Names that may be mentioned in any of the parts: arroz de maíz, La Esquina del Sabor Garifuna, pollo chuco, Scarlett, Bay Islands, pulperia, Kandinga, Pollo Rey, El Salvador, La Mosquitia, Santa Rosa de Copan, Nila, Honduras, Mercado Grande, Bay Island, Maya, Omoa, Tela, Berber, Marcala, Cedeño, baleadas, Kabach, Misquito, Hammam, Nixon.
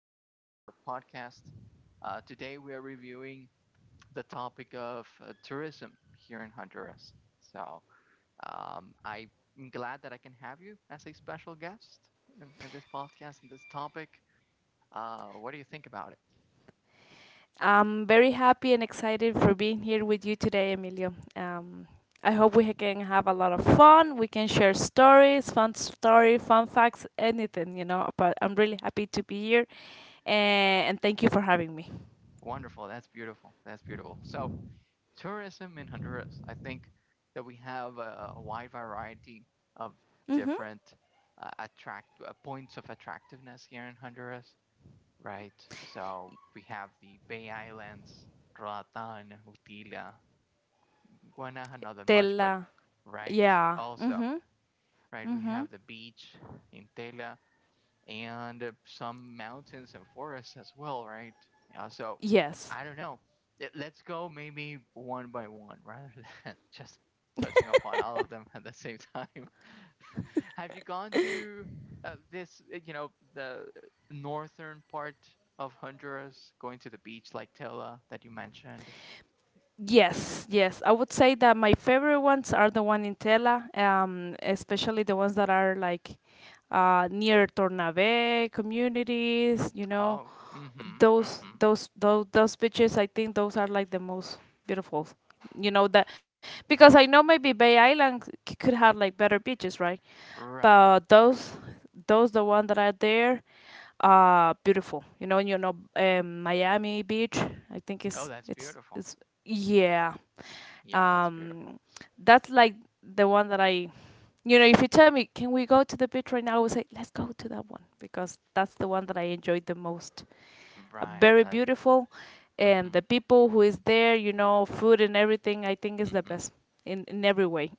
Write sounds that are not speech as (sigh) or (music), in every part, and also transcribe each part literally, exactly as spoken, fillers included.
episode of our podcast. Uh, today, we are reviewing the topic of uh, tourism here in Honduras. So, um, I'm glad that I can have you as a special guest in, in this podcast and this topic. Uh, what do you think about it? I'm very happy and excited for being here with you today, Emilio. Um, I hope we can have a lot of fun. We can share stories, fun story, fun facts, anything, you know. But I'm really happy to be here, and, and thank you for having me. Wonderful. That's beautiful. That's beautiful. So, tourism in Honduras. I think that we have a, a wide variety of Mm-hmm. different uh, attract uh, points of attractiveness here in Honduras, right? So we have the Bay Islands, Roatan, Utila, Guanaja, not that much, but Tela, right. yeah. Also, Mm-hmm. right, we Mm-hmm. have the beach in Tela, and uh, some mountains and forests as well, right? Yeah, so Yes. I don't know. Let us go maybe one by one (laughs) rather than just touching upon all of them at the same time. (laughs) Have you gone to uh, this, uh, you know, the northern part of Honduras, going to the beach like Tela that you mentioned? Yes, yes. I would say that my favorite ones are the one in Tela, um, especially the ones that are like uh, near Tornave communities, you know, Oh, mm-hmm, those mm-hmm. those those those beaches. I think those are like the most beautiful, you know, that because I know maybe Bay Island c- could have like better beaches, right? Right, But right. those those the one that are there are beautiful. you know you know um, Miami Beach, I think Oh, it's that's it's beautiful. it's yeah, Yeah, that's beautiful. um that's like the one that I you know if you tell me can we go to the beach right now, I would say let's go to that one, because that's the one that I enjoyed the most. uh, Right, Very like, beautiful, and the mm-hmm, people who is there, you know, food and everything, I think is the mm-hmm. best in in every way.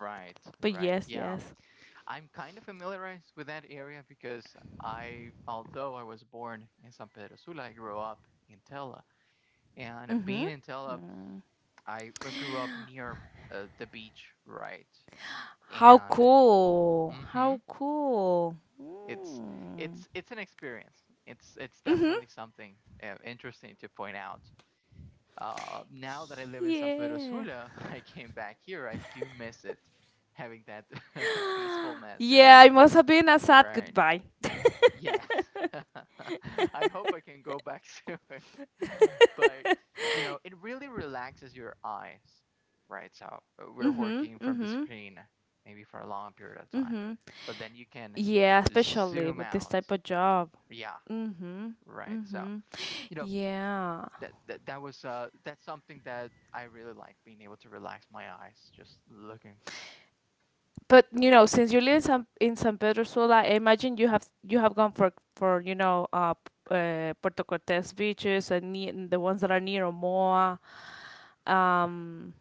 Right, (laughs) But right. yes, Yeah. yes. I'm kind of familiarized with that area because I, although I was born in San Pedro Sula, I grew up in Tela. And Mhm. being in Tela, I grew up near uh, the beach, right? How And cool! mm-hmm, How cool! it's Mm. it's it's an experience. It's it's definitely something uh, interesting to point out. Uh, now that I live in San Pedro Yeah. Sula, (laughs) I came back here. I do miss it, having that (laughs) peacefulness and Yeah, that, it must have been a sad right. goodbye. Yes. (laughs) I hope I can go back (laughs) to it. But, you know, it really relaxes your eyes, right? So uh, we're Mm-hmm. working from the Mm-hmm. screen maybe for a long period of Mm-hmm. time, but then you can Yeah, especially with zoom this type out. of job. Yeah, Mm-hmm. right. So, Mm-hmm. you know, Yeah. that, that, that was uh, that's something that I really like, being able to relax my eyes just looking But uh, you know, since you live in San in San Pedro Sula, I imagine you have you have gone for for you know uh, p- uh Puerto Cortes beaches, and, ne- and the ones that are near Omoa. Um,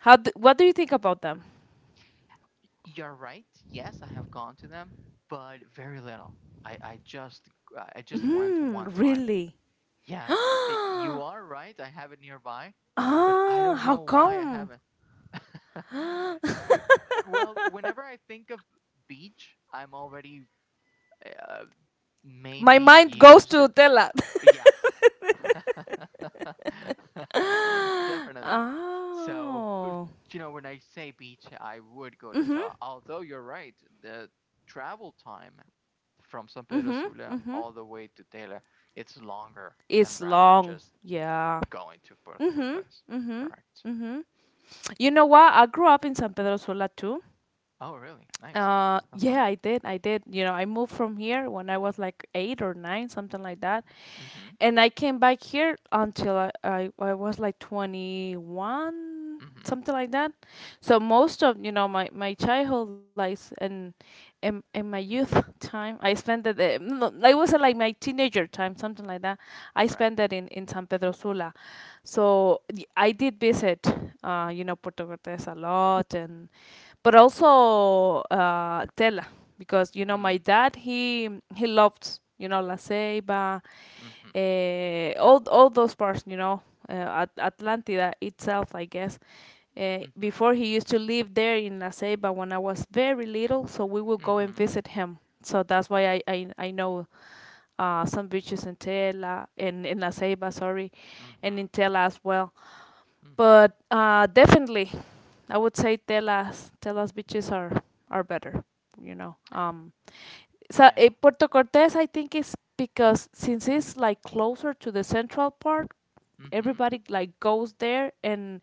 how d what do you think about them? You're right. Yes, I have gone to them, but very little. I, I just I just went Mm, one time. really? (gasps) Yes, I you Ah, are right. I have it nearby, but I don't how know why I come? haven't. (laughs) Well, whenever I think of beach, I'm already uh, My maybe mind goes used. to Tela. (gasps) Yes. (laughs) (laughs) Definitely. So, uh, Oh. you know, when I say beach, I would go to Mhm. Tela. Although you're right, the travel time from San Pedro Mhm. Sula Mhm. all the way to Tela, it's longer than It's rather long. just Yeah. going to Puerto Mhm. Cortes. Mhm. Correct. Mhm. You know what? I grew up in San Pedro Sula too. Oh, really? Nice. Uh, Uh-huh. Yeah, I did. I did. You know, I moved from here when I was like eight or nine, something like that, Mm-hmm. and I came back here until I, I, I was like twenty-one, Mm-hmm. something like that. So most of, you know, my, my childhood life and and in my youth time I spent it, eh, no, no, I was not, like, my teenager time, something like that, I Right. spent it in, in San Pedro Sula. So y- I did visit uh, you know Puerto Cortes a lot, and but also uh, Tela, because, you know, my Mm. dad, he he loved, you know, La Ceiba, Mm-hmm. uh, all all those parts, you know, uh, At- Atlantida itself, I guess. Uh, Mm-hmm. Before, he used to live there in La Ceiba when I was very little, so we would go and Mm-hmm. visit him. So that's why I I, I know uh, some beaches in Tela and in, in La Ceiba, sorry, and Mm-hmm. in Tela as well. Mm-hmm. But uh, definitely, I would say telas telas beaches are are better. You know, um, so eh, Yeah. Puerto Cortes, I think, is, because since it's like closer to the central part, Mm-hmm. everybody like goes there, and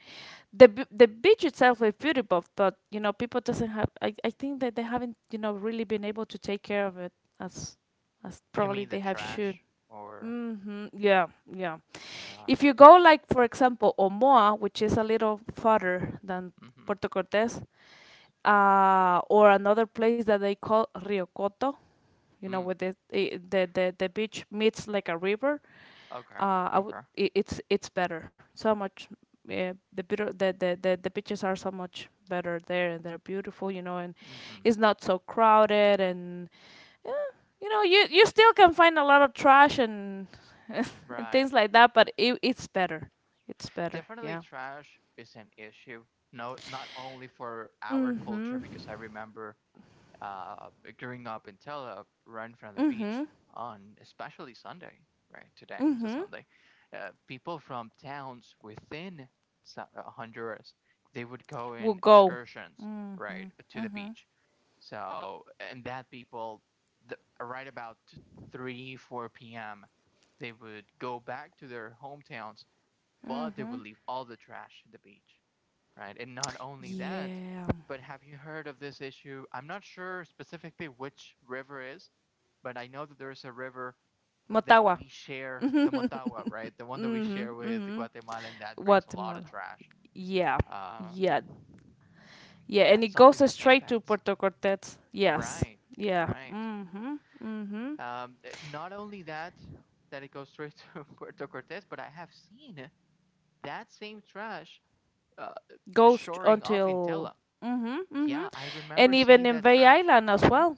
the b- the beach itself is beautiful. But, you know, people doesn't have. I I think that they haven't, you know, really been able to take care of it as as You probably mean the they have should. trash, or Mm-hmm. Yeah. Yeah. yeah. If you go, like for example, Omoa, which is a little farther than Mhm. Puerto Cortes, uh, or another place that they call Riocoto, you know, where Mm. the the the, the beach meets like a river, Okay. uh, I would Okay. I it's it's better. So much, yeah, the beau- the, the the the beaches are so much better there, and they're beautiful, you know, and Mhm. it's not so crowded, and you know you you still can find a lot of trash and (laughs) and Right. things like that, but it, it's better. It's better. Definitely Yeah. trash is an issue. No, not only for our culture Hmm. because I remember uh, growing up in Telep, right in front of the Hmm. beach on especially Sunday, right? Today it's a Hmm. Sunday. Uh, people from towns within uh, Honduras, they would go We'll in go. excursions, Hmm. right, to the Hmm. beach. So, and that people, the, right about three, four p m, they would go back to their hometowns, but they Hmm. would leave all the trash at the beach, right? And not only that, Yeah. but have you heard of this issue? I'm not sure specifically which river is, but I know that there's a river that Motagua. we share, the Motagua, right? The one that we Hmm. share with Hmm. Guatemala, and that brings a lot of Guatemala. trash. Yeah. Um, Yeah. Yeah, and that's it goes something that straight to impacts. Puerto Cortez. Yes. Right, Yeah. right. Hmm. Hmm. Um, not only that, that it goes straight to (laughs) Puerto Cortes, but I have seen that same trash uh, goes t- shoring up in Until. Tela. Mhm. Mhm. Yeah, I remember And seeing even in that Bay trash. Island as Mm-hmm. well,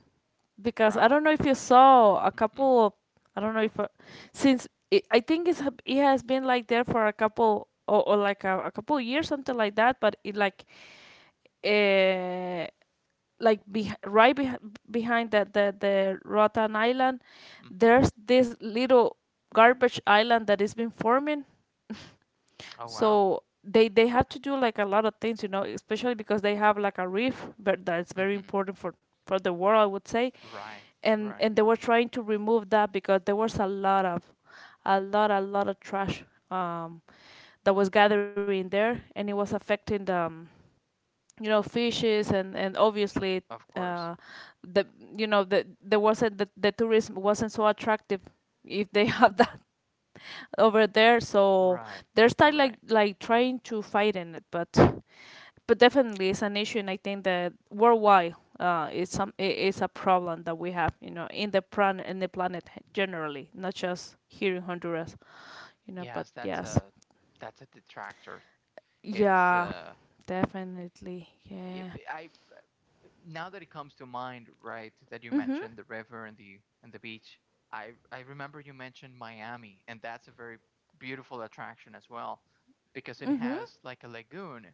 because I Wow. don't know if you saw a Mm-hmm. couple of. I don't know if, uh, since it, I think it's hab- it has been like there for a couple, or, or like a, a couple years, something like that, but it like, uh like beh right beh behind the, the the Roatan Island, Mm-hmm. there's this little garbage island that is been forming. (laughs) Oh, wow. So they they have to do like a lot of things, you know, especially because they have like a reef, but that's very Mm-hmm. important for for the world, I would say. Right. And Right. and they were trying to remove that, because there was a lot of a lot a lot of trash, um, that was gathering there, and it was affecting the, um, you know fishes, and and obviously, Of Uh, course. the you know the there wasn't, the, the tourism wasn't so attractive if they (laughs) have that over there, so Right. they're still like Right. like trying to fight in it, but but definitely it's an issue, and I think that worldwide, uh it's some it is a problem that we have, you know in the plan in the planet generally, not just here in Honduras, you know but Yes, that's yes. a that's a detractor. It's Yeah, uh, definitely, if yeah. I now that it comes to mind, right, that you Mm-hmm. mentioned the river and the and the beach. I I remember you mentioned Miami, and that's a very beautiful attraction as well, because it Mm-hmm. has like a lagoon,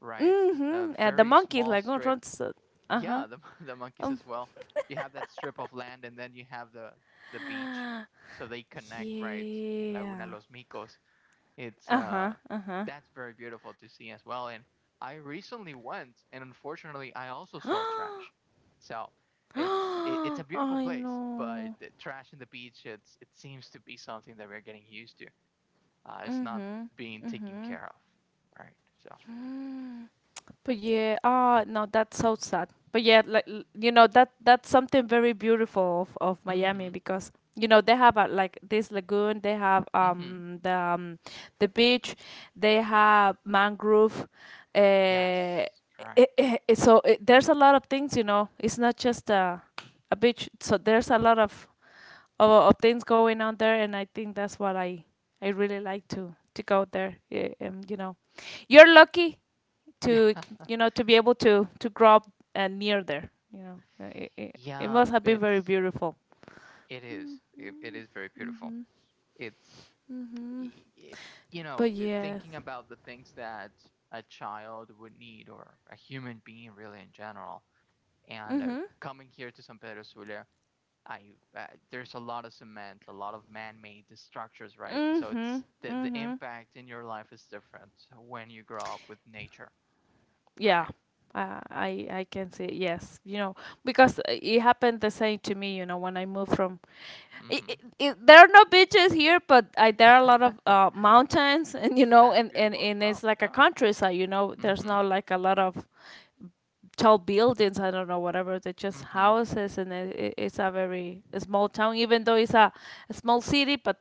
right? A Mm-hmm. Uh, the very monkey is small like going strip. around so- uh-huh. Yeah, the (laughs) the monkey um says, well, you have that strip of land and then you have the the beach, so they connect right in Laguna yeah. Los Micos. It's Uh-huh. uh that's very beautiful to see as well. And I recently went, and unfortunately, I also saw Uh-huh. (gasps) trash. So (gasps) it's it, it's a I beautiful place, know. but the trash in the beach, it's it seems to be something that we're getting used to. Uh, it's not Mhm. being taken Mm. care of, right? So, But yeah, ah, no, that's so sad. But yeah, like l- you know that that's something very beautiful of, of Miami, mm-hmm, because, you know, they have, uh, like this lagoon, they have, mm-hmm, um the um, the beach, they have mangrove, uh, eh, yes, correct. eh, eh, so, it, there's a lot of things, you know. It's not just a a beach. So there's a lot of of, of things going on there, and I think that's what I I really like to to go there. Yeah, um, you know, you're lucky (laughs) to Yeah. you know to be able to to grow up, uh, near there. You know, Uh, it, it, it Yeah, must have been very it's beautiful. it is. It, it is very beautiful. It's Mhm. y- it, you know, But it- yes. thinking about the things that a child would need or a human being really in general. And uh, Mhm. coming here to San Pedro Sula, I uh, there's a lot of cement, a lot of man-made structures, right? So it's Mhm. the the Mhm. impact in your life is different when you grow up with nature, Yeah. right? Uh, I I can see it. Yes. You know, because, uh, it happened the same to me. You know, when I moved from I Hmm. i i there are no beaches here, but I, there are a lot of, uh, mountains, (laughs) and you (laughs) know, That's and, and, beautiful as and well. it's like a Yeah. countryside. You know, there's Mm-hmm. not like a lot of tall buildings. I don't know, whatever. They're just Mm-hmm. houses, and it, it- it's a very small town, even though it's a, a small city. But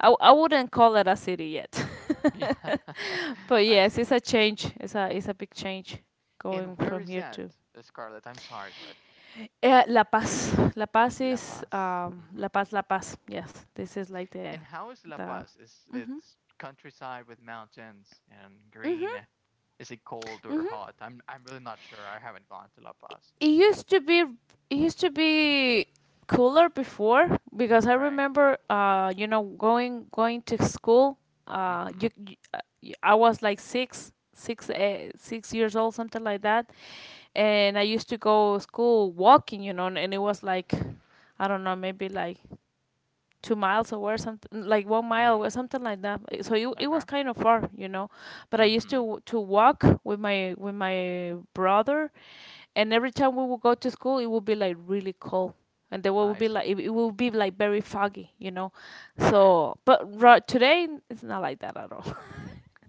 I, w- I wouldn't call it a city yet. Yeah, (laughs) But (laughs) I yes, see. it's a change. It's a it's a big change And going where from is here that, to, uh, Scarlett? I'm sorry, but uh, La Paz. La Paz La is, Paz. Um, hmm. La Paz, La Paz. Yes, this is like the And how is La the Paz? Is it's countryside with mountains and green? Is it cold or hot? I'm I'm really not sure. I haven't gone to La Paz. it used to be it used to be cooler before, because I Right. remember, uh you know going going to school, uh Mm-hmm. you, you uh, y- I was like six six eh, six years old, something like that. And I used to go school walking, you know and it was like, I don't know, maybe like two miles away, something like one mile Mm. away, something like that. So it, it was Okay. kind of far, you know. But I used Mm-hmm. to to walk with my with my brother, and every time we would go to school, it would be like really cold, and there would I be like, see. it, it would be like very foggy, you know. Right. So, but right today it's not like that at all.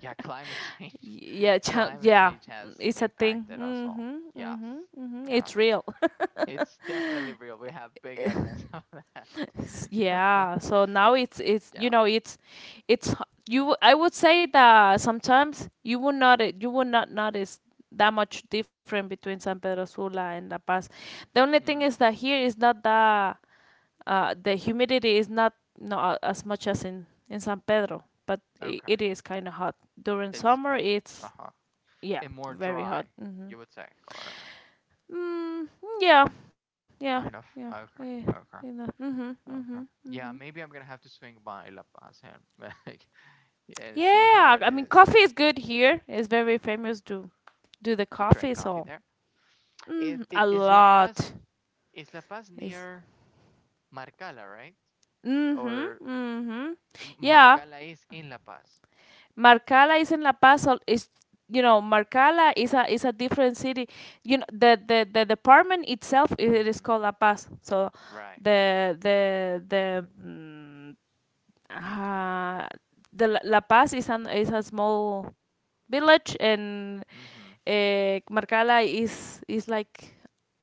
Yeah, climate (laughs) change. Yeah, (laughs) cha- Climate yeah, change mm, has it's a thing. impacted us all. Mhm, Yes. mhm, mhm. Yeah. It's real. It's definitely real. We have big evidence (laughs) of that. (laughs) Yeah, so now it's it's Yeah. you know it's it's h- you I would say that sometimes you would not you would not notice that much different between San Pedro Sula and La Paz. The only thing is Mm. that here is not that, uh the humidity is not not a- as much as in in San Pedro, but I it Okay. is kind of hot during summer. It's kind It's, of, uh-huh. yeah, And more very hot. dry, Mm-hmm. you would say, or Mm, yeah, yeah, yeah. kind of. Yeah, Okay. you know. Okay. Mm-hmm, mm-hmm, Okay. mm-hmm. Yeah, maybe I'm gonna have to swing by La Paz and (laughs) and see Yeah, how it I mean, is coffee is good here. It's very famous to do the to coffee, drink coffee so, there. mm, It a it is La lot Paz is La Paz is. near Marcala, right? Mhm, Or mhm. Yeah, Marcala is in La Paz. Marcala is in La Paz. so Is you know, Marcala is a is a different city. You know, the the the department itself, i- it Mm-hmm. is called La Paz. So Right. the the the mm, uh, the La La Paz is an is a small village, and, Mm-hmm. uh, Marcala is is like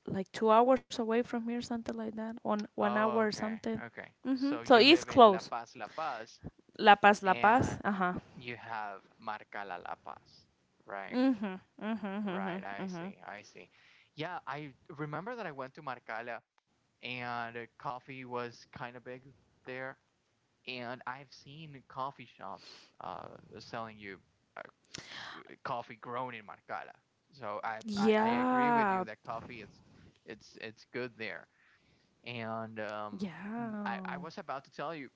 like two hours away from here, something like that, one one hour or Oh, okay. something. Okay. Mm-hmm. So So you it's live in close. La Paz, La Paz, La Paz, La Paz. and Uh huh. you have Marcala La Paz. Right, Mm-hmm. Mm-hmm. Mm-hmm. right. I Mm-hmm. see, I see. Yeah, I remember that I went to Marcala and uh, coffee was kind of big there. And I've seen coffee shops uh, selling you uh, coffee grown in Marcala. So I, I, I agree Yeah. with you that coffee it's it's it's good there. And um, I, Yeah. I was about to tell you.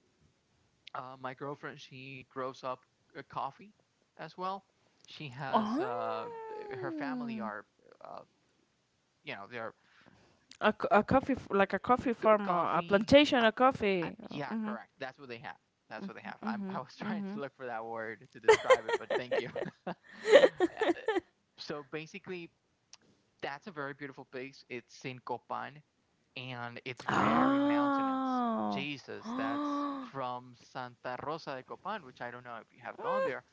Uh, my girlfriend, she grows up uh, coffee as well. She Oh. has uh, her family are, uh, you know, they're A, c- a coffee, f- like a coffee eh, c- farm, uh, a coffee. plantation I, of I, coffee. yeah, Mm-hmm. correct. That's what they have. That's what they have. I'm, Mm-hmm. I was (laughs) trying Mm-hmm. to look for that word to describe it, but thank you. (laughs) Uh, So basically, that's a very beautiful place. It's in Copan, and it's very mountainous. Oh. Jesus, that's (gasps) from Santa Rosa de Copan, which I don't know if you have gone there,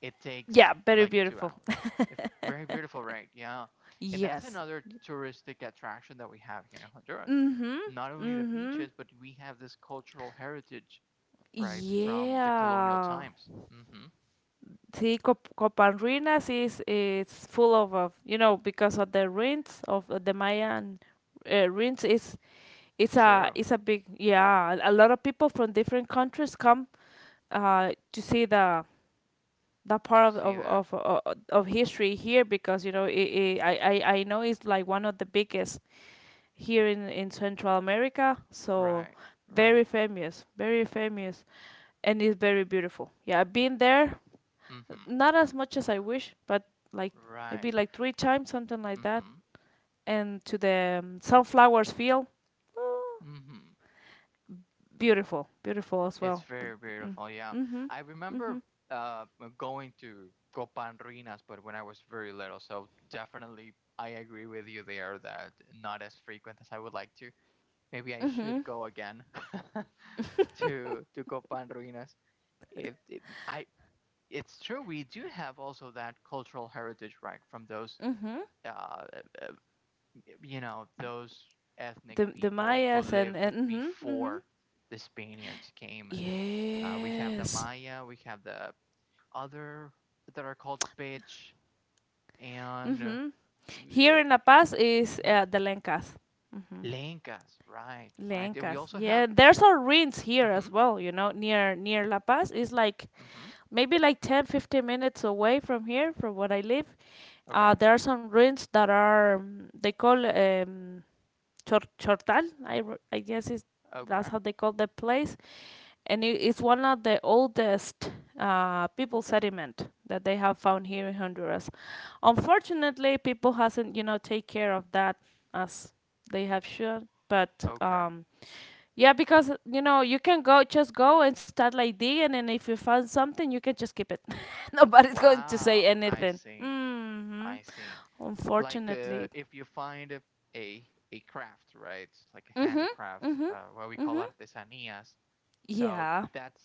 it Yeah, takes very like two beautiful. hours. If very beautiful, right? Yeah. And that's Yes. another touristic attraction that we have here in Honduras. Mhm. Not only the Mhm. beaches, but we have this cultural heritage, right, from the colonial Yeah. times. Mm-hmm. See, Cop- Copanrinas is it's full of, of you know because of the ruins of the Mayan uh, ruins. It's it's a True. it's a big, yeah. A lot of people from different countries come uh to see the that To part of see of that. of, of, of history here because you know it, it, I I I know it's like one of the biggest here in in Central America. So Right. Right. very famous, very famous. And it's very beautiful. Yeah, I've been there, Mm-hmm. not as much as I wish, but like maybe Right. like three times, something like that. Mm-hmm. And to the um, sunflowers field, oh, Mm-hmm. beautiful, beautiful as It's well. very Mm-hmm, beautiful. Yeah, I remember mm-hmm, uh going to Copan Ruinas, but when I was very little. So definitely, I agree with you there that not as frequent as I would like to. Maybe I mm-hmm, should go again (laughs) to to Copan Ruinas. It, if- I, it's true. We do have also that cultural heritage, right, from those mm-hmm. uh you know those ethnic The the people who Mayas and lived and mm-hmm, mm-hmm. before the Spaniards came. Uh, we have the Yes. Maya, we have the other that are called Pitch and uh, Mm-hmm. Here in La Paz is, mhm, uh, the Lencas. Mm-hmm. Lenkas, right, right. And we Lencas. also have. Yeah, there's some ruins here Mhm. as well. You know, near near La Paz. It's like Mhm. maybe like ten, fifteen minutes away from here from where I live. Okay. Uh, there are some ruins that are, um, they call, um, Chor- chortal, I, r- I guess, is that's Okay. how they call the place, and it, it's one of the oldest uh, people sediment that they have found here in honduras. Unfortunately people hasn't, you know, take care of that as they have should, but, Okay. um, yeah, because you know you can go just go and start like digging, and then if you find something, you can just keep it. (laughs) Nobody's going to say Wow, I anything. see, Mm-hmm. I see. Like uh, Unfortunately. if you find a a craft, right, like a Mm-hmm. handicraft, Mm-hmm. uh, what we call Mm-hmm. artesanías. So Yeah. that's,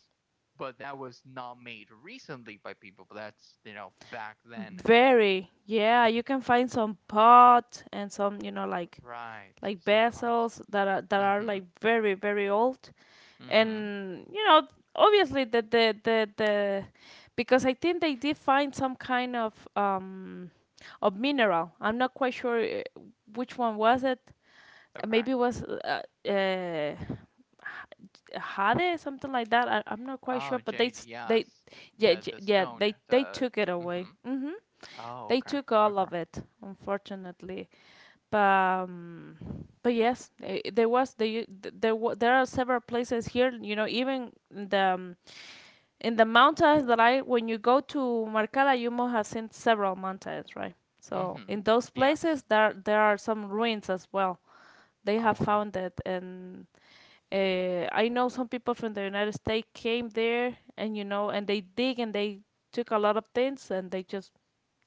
but that was not made recently by people. But that's you know back then, Very. Yeah, you can find some pot and some, you know, like right? like Some parts. vessels that are that are Mm-hmm. like very very old, Mm-hmm. and you know, obviously the the the, the, because I think they did find some kind of um of mineral. I'm not quite sure, uh, which one was it. Uh, Okay. Maybe it was, uh, uh, h- jade, something like that. I, I'm not quite Oh, sure, but they jade, s- they yes. yeah The j- the yeah stone. they they The took it away. Mm-hmm. Mhm. Oh, They okay. took all Okay. of it, unfortunately. But, um, but yes, eh, eh, there was the th- there wa- there are several places here. You know, even in the, um, in the mountains that I when you go to Marcala, you must have seen several mountains, right? So Mm-hmm. in those Yes. places, there there are some ruins as well. They Oh, have wow. found it, and, uh, I know some people from the United States came there, and you know, and they dig and they took a lot of things, and they just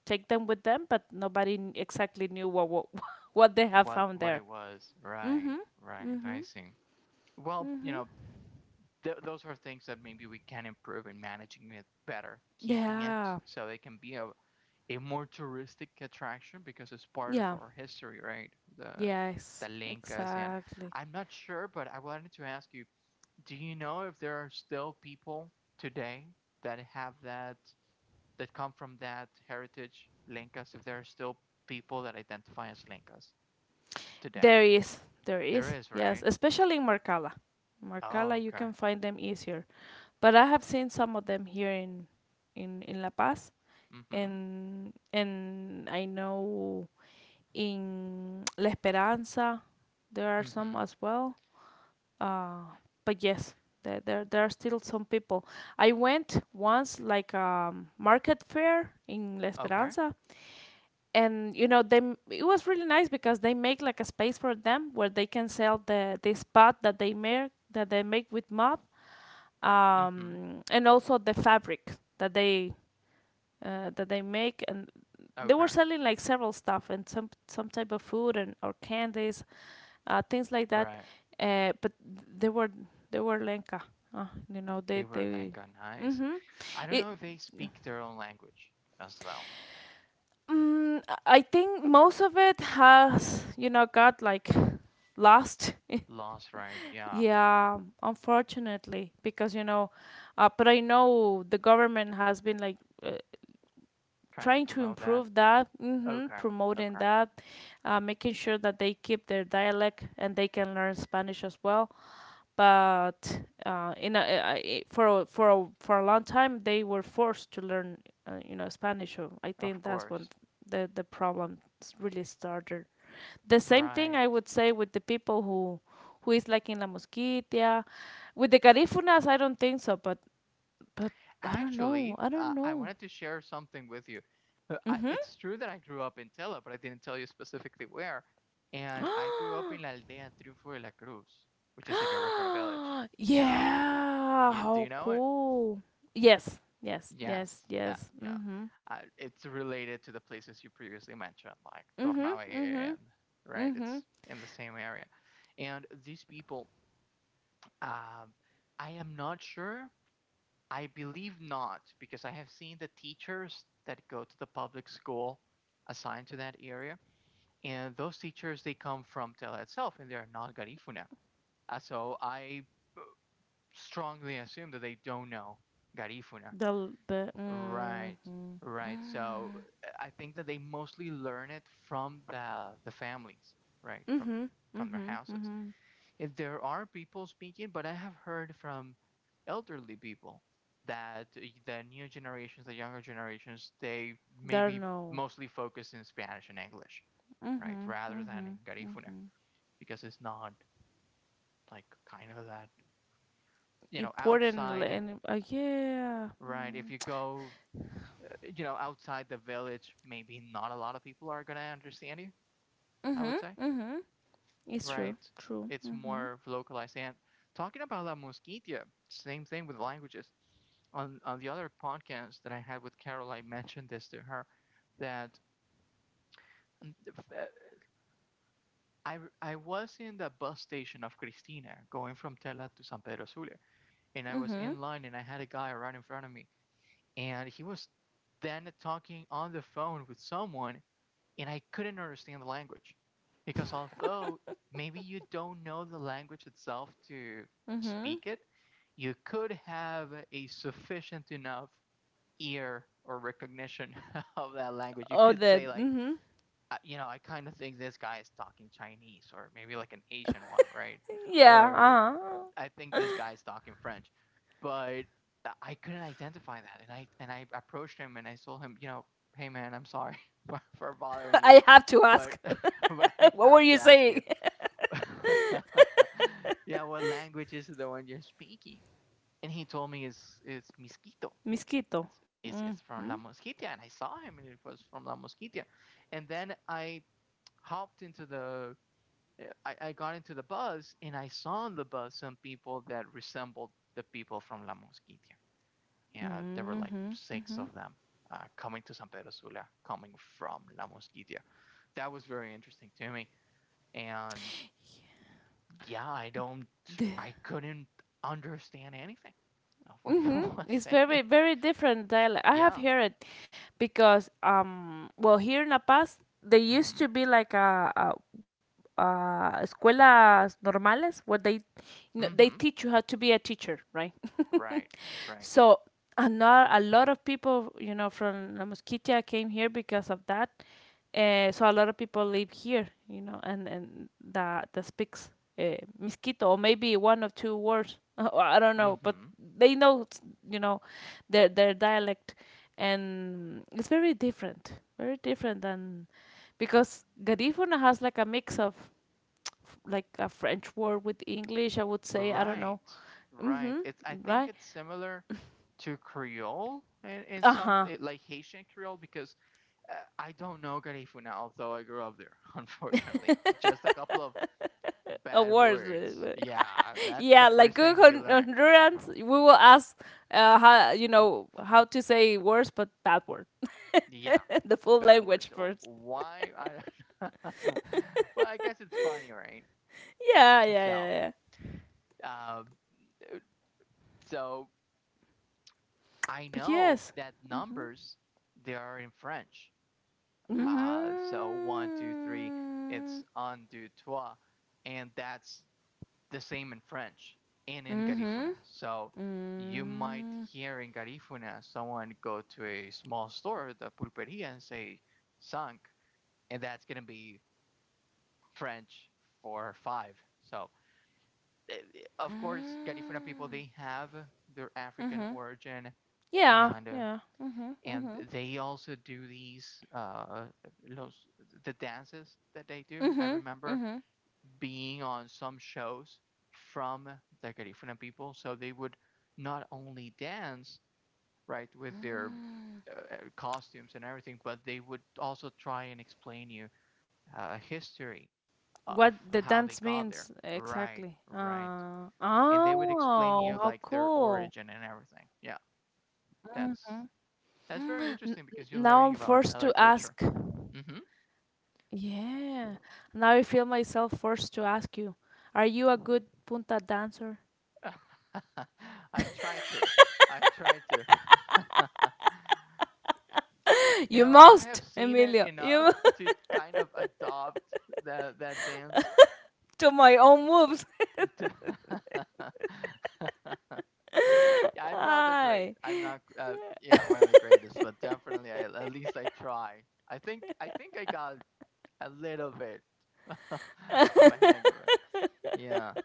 take them with them, but nobody kn- exactly knew what what, (laughs) what they have What found what there. it was. Right. Mhm. Right. I Mhm. see. Well, you Mhm. know, th those are things that maybe we can improve in managing it better, keeping it Yeah. so it can be a a more touristic attraction because it's part of Yeah. our history, right? The Yes. the Linkas. And Exactly. I'm not sure, but I wanted to ask you: do you know if there are still people today that have that that come from that heritage Lencas? If there are still people that identify as Lencas today, There is. There there is. is, Yes. right? Especially in Marcala. Marcala, Oh, you okay. can find them easier. But I have seen some of them here in in, in La Paz, Mm-hmm. and and I know in (tsk) La Esperanza there are some Mm-hmm. as well. Uh, but yes, there, there there are still some people. I went once like um market fair in La Okay. Esperanza, and you know they m- it was really nice because they make like a space for them where they can sell the the spot that they make that they make with mud, Mm-hmm. um, and also the fabric that they, uh, that they make and. They were Okay. selling like several stuff and some some type of food and or candies, uh, things like that. Right. Uh, but they were they were Lenka, uh, you know. They They were they. Lenca. Nice. Mm-hmm. I don't It. know if they speak their own language as well. Mm, I think most of it has, you know, got like lost. Lost, right? Yeah. Yeah, unfortunately, because you know, uh, but I know the government has been like. Uh, Trying to trying to promote that. improve that, hmm, Okay. promoting Okay. that, uh, making sure that they keep their dialect and they can learn spanish as well, but, uh, in a, uh, I- for a, for a, for a long time they were forced to learn, uh, you know, Spanish. So I Of think that's course. when the the problem s- really started. The same Right. thing I would say with the people who who is like in La Mosquitia, with the Garífunas. I don't think so, but but I don't Actually, know. I uh, don't I know. wanted to share something with you. Uh, I, Mm-hmm. it's true that I grew up in Tela, but I didn't tell you specifically where. And I grew up in La Aldea Triunfo de la Cruz, which is like a different village. (gasps) Yeah. Yeah. You, do you How know it? cool. Yes. Yes. Yes. Yes. Yeah. Yes. Yeah. Mm-hmm. Uh, it's related to the places you previously mentioned, like Mm-hmm. Tornave Mm-hmm. and right. Mm-hmm. It's in the same area. And these people, um, I am not sure I believe not, because I have seen the teachers that go to the public school assigned to that area, and those teachers they come from Tela itself, and they are not Garifuna. Uh, so I strongly assume that they don't know Garifuna. The l- the Right, mm-hmm. right. So I think that they mostly learn it from the the families, right, from Mm-hmm. from their Mm-hmm. houses Mm-hmm. if there are people speaking, but I have heard from elderly people that eh, the new generations, the younger generations, they There maybe no. mostly focus in Spanish and English, right? Mm-hmm. Rather than Mm-hmm. in Garifuna, Mm-hmm. because it's not like kind of that, you know, Important l- outside, and uh, yeah. right? Mm. If you (tsk) go, eh, you know, outside the village, maybe not a lot of people are going to understand you, I Mm-hmm. would say. Mm-hmm. It's true. Right? True. It's Mm-hmm. more localized. And talking about La Mosquitia, same thing with languages. On on the other podcast that I had with Carol, I mentioned this to her that mm, f- uh, I r- I was in the bus station of Cristina going from Tela to San Pedro Sula, and I was Mm-hmm. in line and I had a guy right in front of me, and he was then talking on the phone with someone, and I couldn't understand the language because although maybe you don't know the language itself to Mm-hmm. speak it, you could have a sufficient enough ear or recognition (laughs) of that language. You Oh could say the like, mm-hmm. uh, you know, I kind of think this guy is talking Chinese or maybe like an Asian one, right? Yeah, Or uh-huh. I think this guy's talking French. But I couldn't identify that. And I and I approached him and I told him, you know, hey man, I'm sorry (laughs) for, for bothering (laughs) you. I have to But ask. (laughs) but I (laughs) What were have you to ask saying? you. (laughs) Yeah, what language is the one you're speaking? And he told me it's it's Misquito. (laughs) Mosquito. It's, it's, it's Mm-hmm. from La Mosquitia. And I saw him and it was from La Mosquitia. And then I hopped into the eh, I, I got into the bus and I saw on the bus some people that resembled the people from La Mosquitia. Yeah, there were like six of them uh, coming to San Pedro Sula, coming from La Mosquitia. That was very interesting to me. And yeah, I don't, I couldn't understand anything of what he Mm-hmm. was It's saying. very (laughs) very different dialect. I have Yeah. heard it because um well here in La Paz they Mm used hmm. to be like a, a, a escuelas normales where they, Mm you know, hmm. they teach you how to be a teacher, right? Right. Right. So, and not a lot of people, you know, from La Mosquitia came here because of that. Uh, so a lot of people live here, you know, and and that that speaks, uh, mosquito or maybe one or two words. (laughs) I don't Mm know, but hmm. they know, you know, their their dialect, and it's very different, very different than, because Garifuna has like a mix of (tsk) like a French word with English. I would say, I don't Right, know. right. Mm-hmm. It's I think Right. it's similar to Creole in, in Uh some huh. it, like Haitian Creole because uh, I don't know Garifuna, although I grew up there, (laughs) unfortunately. Just a couple of bad Awards. words. Yeah, (laughs) that's the Yeah, first like thing good that you Hon- learn. Hondurans, we will ask, uh, how, you know, how to say words, but bad word, Yeah, (laughs) the the full bad words. language So first. why? I don't. (laughs) Well, (laughs) I guess it's funny, right? Yeah, yeah, So, yeah, yeah. um, so I But know yes. that numbers they are in French. Uh, so one, Mm-hmm. two, three, it's un, deux, trois. And that's the same in French and in Garifuna. Mm-hmm. So you might Mm-hmm. hear in Garifuna someone go to a small store, the pulperia, and say sunk, and that's going to be French for five. So, uh, of course, Garifuna people, they have their African Mm-hmm. origin and Yeah. uh, Yeah. Mm-hmm. and Mm-hmm. they also do these uh los, the dances that they do. I Mm-hmm. remember Mm-hmm. being on some shows from the Garifuna people, so they would not only dance, right, with their uh, costumes and everything, but they would also try and explain you uh, history What of the dance how they means got there, exactly. right, right. Uh, And they would explain oh, you how like their cool. origin and everything. Yeah, that's that's N- very n- interesting because you're Now I'm learning about forced to another ask. culture. Hmm. Yeah. Now I feel myself forced to ask you, are you a good punta dancer? (laughs) I try to. I try to. (laughs) (laughs) You You know, I must, have seen it Emilio. You enough must to kind of adopt that that dance. (laughs) to my own moves. (laughs) To- (laughs) Yeah, (laughs) I'm not the great. I'm Hi. not, uh, you know, one of the (laughs) greatest, but definitely, I, at least I try. I think I think I got a little bit (laughs) of a hang of it. Yeah.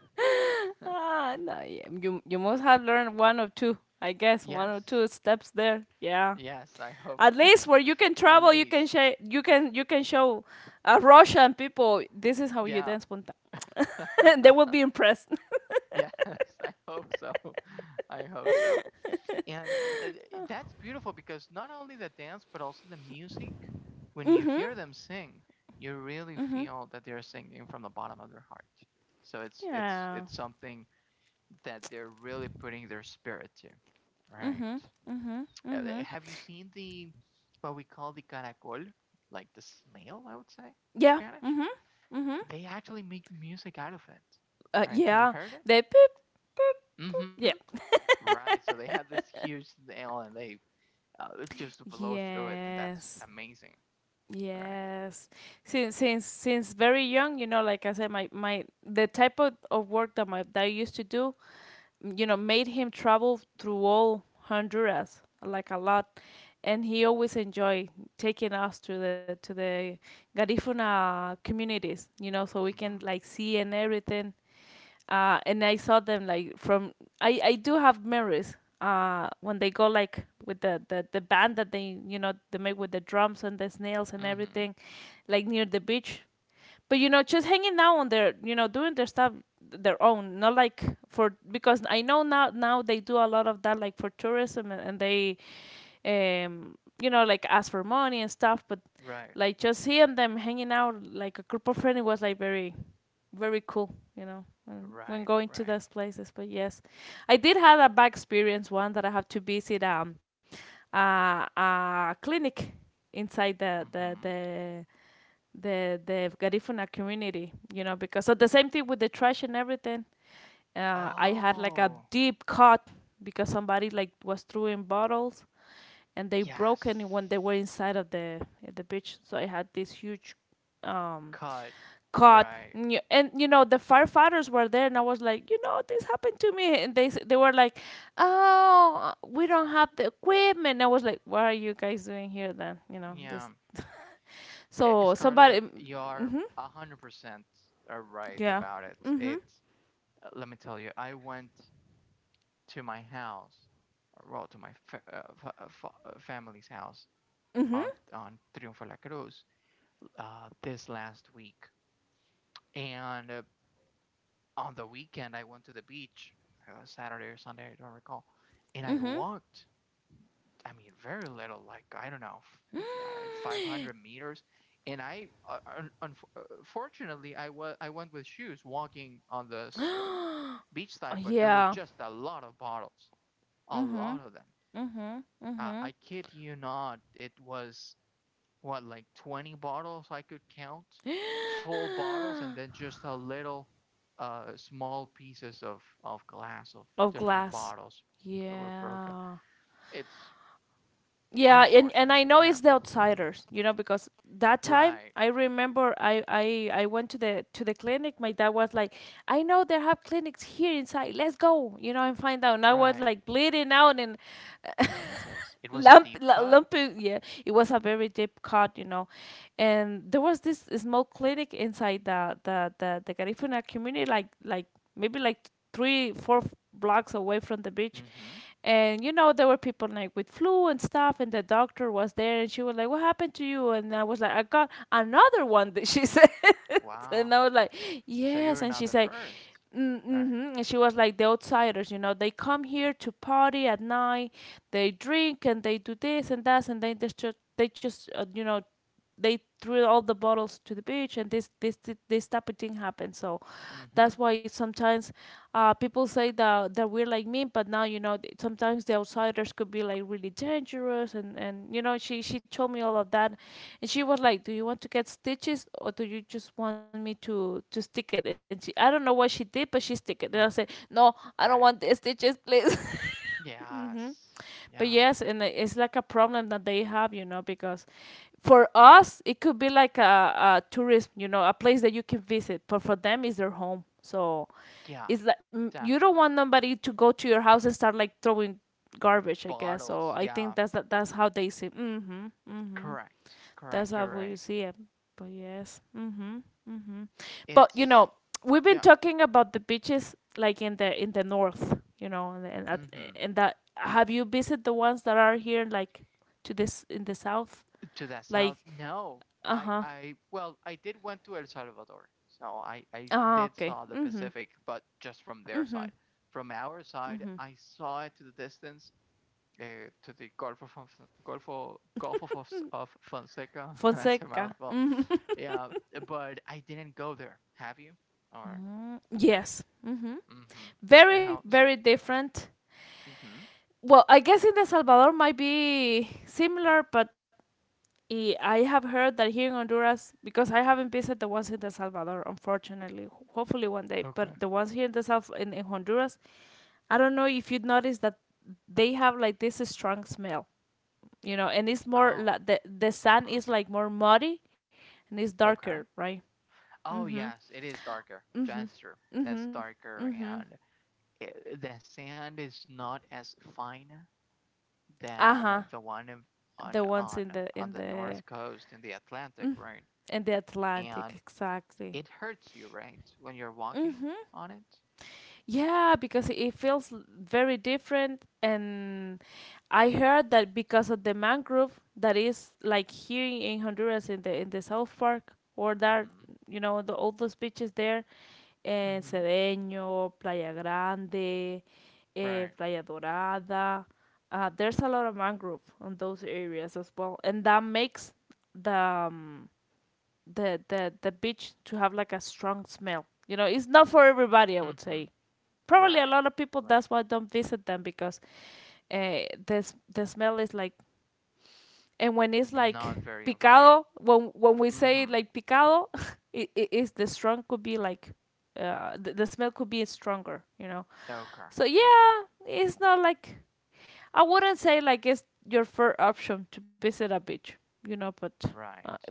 Ah, no, yeah, you you must have learned one or two, I guess, one or Yes. two steps there. Yeah. Yes. I hope At least where you can (laughs) at travel, you can least. share, you can you can show, uh, Russian people, this is how you Yeah. dance punta. (laughs) They will be (laughs) impressed. (laughs) Yes, I hope so. (laughs) I hope so. And uh, that's beautiful because not only the dance, but also the music, when you hear them sing, you really feel that they're singing from the bottom of their heart. So (laughs) it's it's Yeah. it's something that they're really putting their spirit to. Right. Mhm. Mhm. Uh, uh, Mhm. Have you seen the what we call the caracol, like the snail, I would say in Yeah. Spanish? Mhm. Mhm. They actually make music out of it. Uh, Right. Have you yeah. heard it? They peep. Mm-hmm. Yeah. Right, so they have this huge nail and they uh, just blow through it, and that's Yes. amazing, right? Yes. Since since since very young, you know, like I said, my my the type of, of work that my that I used to do, you know, made him travel through all Honduras like a lot, and he always enjoyed taking us to the to the Garifuna communities, you know, so we can like see and everything. Uh, and I saw them like from I I do have memories uh when they go like with the, the the band that they, you know, they make with the drums and the snails and Mm-hmm. Mm-hmm. everything like near the beach, but you know just hanging out on their, you know, doing their stuff their own, not like for, because I know now now they do a lot of that like for tourism, and, and they, um you know, like ask for money and stuff, but Right, like just seeing them hanging out like a group of friends, it was like very very cool, you know, and when right, going to right. those places, but yes, I did have a bad experience, one that I have to visit, um uh, a clinic inside the the Mm-hmm. the the the Garifuna community, you know, because so the same thing with the trash and everything. Uh, I had like a Oh, deep cut because somebody like was throwing bottles and they yes. broke it when they were inside of the the beach. So I had this huge, um Cut. cut Right. and, you- and you know the firefighters were there, and I was like, you know, this happened to me, and they s- they were like, oh, we don't have the equipment. I was like, what are you guys doing here then? You know, Yeah. this, I- so somebody Scarlett, you're mhm. a hundred percent uh, right Yeah. about it. Mhm. It. uh, Let me tell you, I went to my house, or well, to my fa uh, fa uh, fa- uh, family's house Mhm. on on Triunfo La Cruz, uh, this last week. And uh, on the weekend, I went to the beach, uh, Saturday or Sunday, I don't recall. And I Mhm. walked, I mean, very little, like, I don't know, uh, (gasps) five hundred meters. And I, uh, un- unf- uh, I wa- I went with shoes walking on the uh, Oh, beach side, but there were yeah. just a lot of bottles, a Mhm. lot of them. Mhm. Uh, Mhm. I kid you not, it was what, like twenty bottles I could count, full bottles, and (gasps) then just a little uh, small pieces of, of glass of Of different glass. bottles that were broken. Yeah. It's Yeah, and, and I unfortunate. know Yeah. it's the outsiders, you know, because that time Right. I remember I, I I went to the to the clinic. My dad was like, I know they have clinics here inside. Let's go, you know, and find out. And I was Right. like bleeding out and Jesus. It was a Lamp, deep la- cut. Lampu, yeah, it was a very deep cut, you know, and there was this small clinic inside the the the, the Garifuna community, like like maybe like three four f- blocks away from the beach, Mm-hmm. and you know there were people like with flu and stuff, and the doctor was there, and she was like, "What happened to you?" And I was like, "I got another one," (laughs) that she said. (laughs) And Wow. I was like, So you yes. were And not she the said, first. "Mm, Right. mm-hmm." And she was like, the outsiders, you know, they come here to party at night, they drink and they do this and that, and they just they just uh, you know, they threw all the bottles to the beach, and this this this, this type of thing happened. So Mm-hmm. that's why sometimes sometimes uh, people say that that we're like mean, but now you know th- sometimes the outsiders could be like really dangerous, and and you know she she told me all of that, and she was like, "Do you want to get stitches or do you just want me to to stick it?" And she I don't know what she did, but she stick it, and I said, Mm-hmm. "No, I don't want the Right. stitches, please." (laughs) Mm-hmm. Yes. But Yeah. yes, and i- it's like a problem that they have, you know, because for us it could be like a, a tourism, you know, a place that you can visit, but for them it's their home. So Yeah. it's like mm, you don't Definitely. want nobody to go to your house and start like throwing garbage, I guess. So Bottles. I think Yeah. that's that, that's how they see. Mm-hmm. Mm-hmm. Correct. That's Correct. how You're will you right. see it. But yes. Mhm. Mhm. But you It's know, we've been yeah. talking about the beaches like in the in the north, you know, and and, at, Mm-hmm. and that have you visited the ones that are here like to this in the south? To the Like south. No. I uh-huh. I well, I did went to El Salvador. So I I Ah, did okay. saw the Mhm. Pacific, but just from their side. Mhm. From our side, Mhm. I saw it to the distance, uh, to the Gulf of Fons- Gulf of Gulf of, Fons- of Fonseca. (laughs) That's a Fonseca. mouthful. Yeah, but I didn't go there. Have you? Or Yes. Mhm. mm-hmm. Very And how very was it? different. Mm-hmm. Well, I guess in El Salvador might be similar, but I I have heard that here in Honduras, because I haven't visited the ones in El Salvador, unfortunately. Ho- Hopefully one day, but the Okay. ones here in the South in, in Honduras, I don't know if you would notice that they have like this strong smell, you know, and it's more like Oh. the the sand is Mm-hmm. like more muddy, and it's darker, Okay. right? Mhm. Oh yes, it is darker. Mhm. Denser. Mhm. That's darker, Mhm. and it, the sand is not as fine Uh huh. than the one in- The on ones on in um, the in on the the north coast in the Atlantic, mm, right? in the Atlantic, And exactly. it hurts you, right, when you're walking Mm-hmm. on it. Yeah, because it feels l- very different, and I heard that because of the mangrove that is like here in in Honduras in the in the South Park or that Mm-hmm. you know the all those beaches there and Mm-hmm. Cedeño, Playa Grande, eh, Right. Playa Dorada. Uh, there's a lot of mangrove on those areas as well, and that makes the um, the the the beach to have like a strong smell. You know, it's not for everybody, I would Mm-hmm. say probably a Right. lot of people Right. that's why don't visit them because uh, this the smell is like and when it's like Not very inviting. picado when when we say Mm-hmm. like picado. (laughs) it, it is the strong could be like uh, the, the smell could be stronger, you know, Okay. so Okay. yeah, it's not like, I wouldn't say like it's your first option to visit a beach, you know, but uh, Right.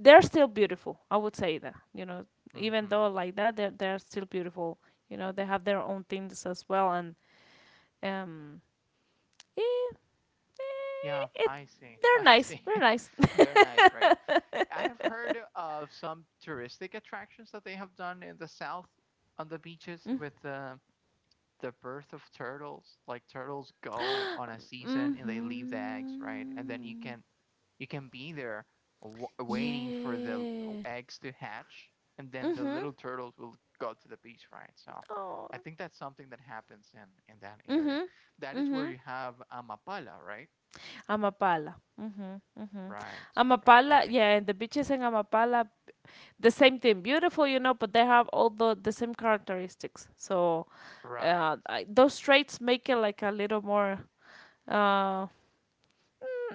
they're still beautiful, I would say that, you know. Even Mm-hmm. though like that, they're, they're still beautiful, you know, they have their own things as well, and um Eh, Yeah, eh, it, I see. (laughs) they're I nice. see. They're nice. (laughs) They're nice, right? I have heard of some touristic attractions that they have done in the south on the beaches (laughs) with the the birth of turtles. Like turtles go on a season and they leave the eggs, right? And then you Mm-hmm. can you can be there w waiting for the l- Yeah. eggs to hatch, and then the Mm-hmm. little turtles will go to the beach, right? So Oh. I think that's something that happens in in that area. Mm-hmm. That is where Mm-hmm. you have Amapala, right? Amapala. Mm-hmm. Mm-hmm. Right, right. I Amapala. think Yeah, and the beaches in Amapala, the same thing. Beautiful, you know, but they have all the, the same characteristics. So right. uh, I, those traits make it like a little more uh,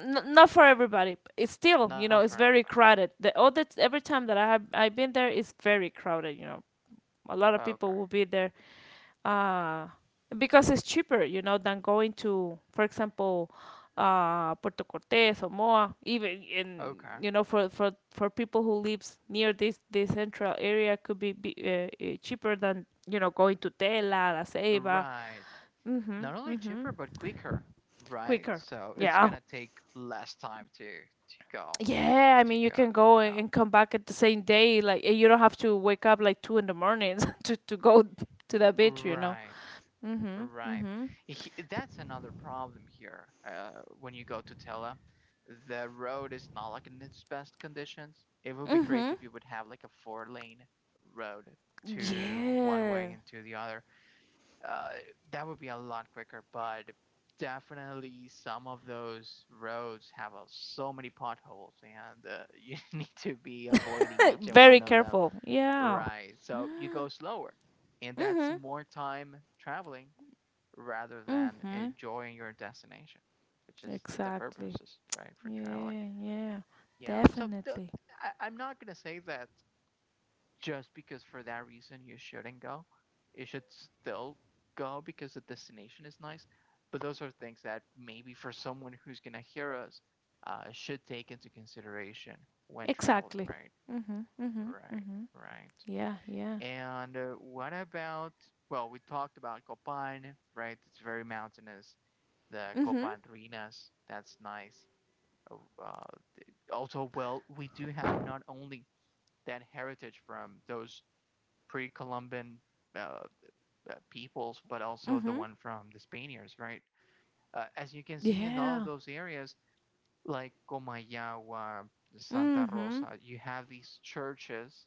n- not for everybody. It's still, you Not know, for it's everybody. very crowded. The all that every time that I have I've been there, it's very crowded. You know, a lot of Okay, people will be there uh, because it's cheaper, you know, than going to, for example, uh, Puerto Cortes or Moa. Even in, okay. you know, for for for people who lives near this this central area, could be, be uh, uh, cheaper than, you know, going to Tela, La Ceiba. Right. Mhm, Not only cheaper mhm. but quicker, right? Quicker. So it's Yeah. gonna take less time to to go Yeah, I to mean, you go. can go a- Yeah. and come back at the same day. Like, and you don't have to wake up like two in the morning (laughs) to to go to that beach, you know. Right, Mhm. right. Mhm. He- That's another problem here. Uh, when you go to Tela, the road is not like in its best conditions. It would be great Mhm. if you would have like a four lane road to one Yeah. way and to the other uh, that would be a lot quicker, but definitely some of those roads have uh, so many potholes, and uh, you (laughs) need to be avoiding (laughs) each and Very one of them. careful. Yeah. Right. So you go slower, and that's Mhm. more time traveling rather than Mhm. enjoying your destination, which is the Exactly. purposes, right, for traveling. Yeah. Yeah. Yeah. So the, Definitely. I, I'm not gonna say that just because for that reason you shouldn't go. You should still go because the destination is nice. But those are things that maybe for someone who's gonna hear us, uh, should take into consideration when traveling, Exactly. right? Mhm. Mhm. Right, Mhm. right. Yeah. Yeah. And uh, what about? Well, we talked about Copan, right? It's very mountainous. The Mhm. Copan Ruinas, that's nice. Oh. Uh, also, well, we do have not only that heritage from those pre-Columban uh, uh, peoples, but also the Mhm. one from the Spaniards, right? Uh, as you can see in Yeah. all of those areas, like Comayagua, Santa Mhm. Rosa, you have these churches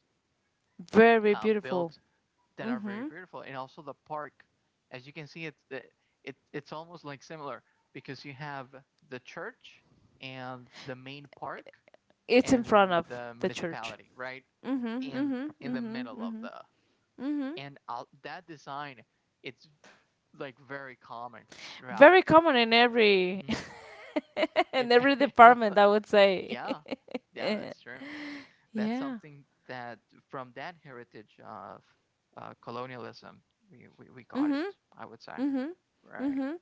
Very uh, beautiful. built that are very Mhm. beautiful, and also the park. As you can see, it's it, it, it's almost like similar because you have the church and the main park It's and in front of the the church. municipality, right? Mhm, In mhm, in the mhm, middle of mhm, the mhm. and I that design it's like very common throughout. Very common in every Hmm. (laughs) And in every (laughs) no, department, I would say. yeah, (laughs) yeah, that's true. That's Yeah. something that from that heritage of uh, colonialism, we, we we got it. Mhm, I would say. mhm, Right. mhm.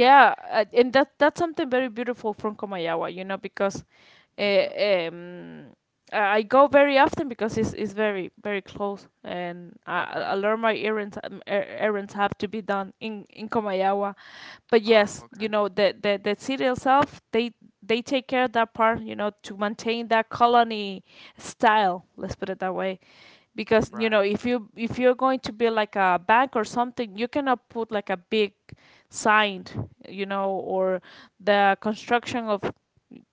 Right. uh, and that that's something very beautiful from Komayawa, you know, because Uh, Hmm. um, I go very often because it's, it's very very close, and I, I Okay. I learn my errands, um, er- errands have to be done in in Comayagua. But Oh, yes, you okay. know, the the, the city itself, they they take care of that part, you know, to maintain that colony style. Let's put it that way, because, you know, Right. if you if you're going to build like a bank or something, you cannot put like a big sign, you know, or the construction of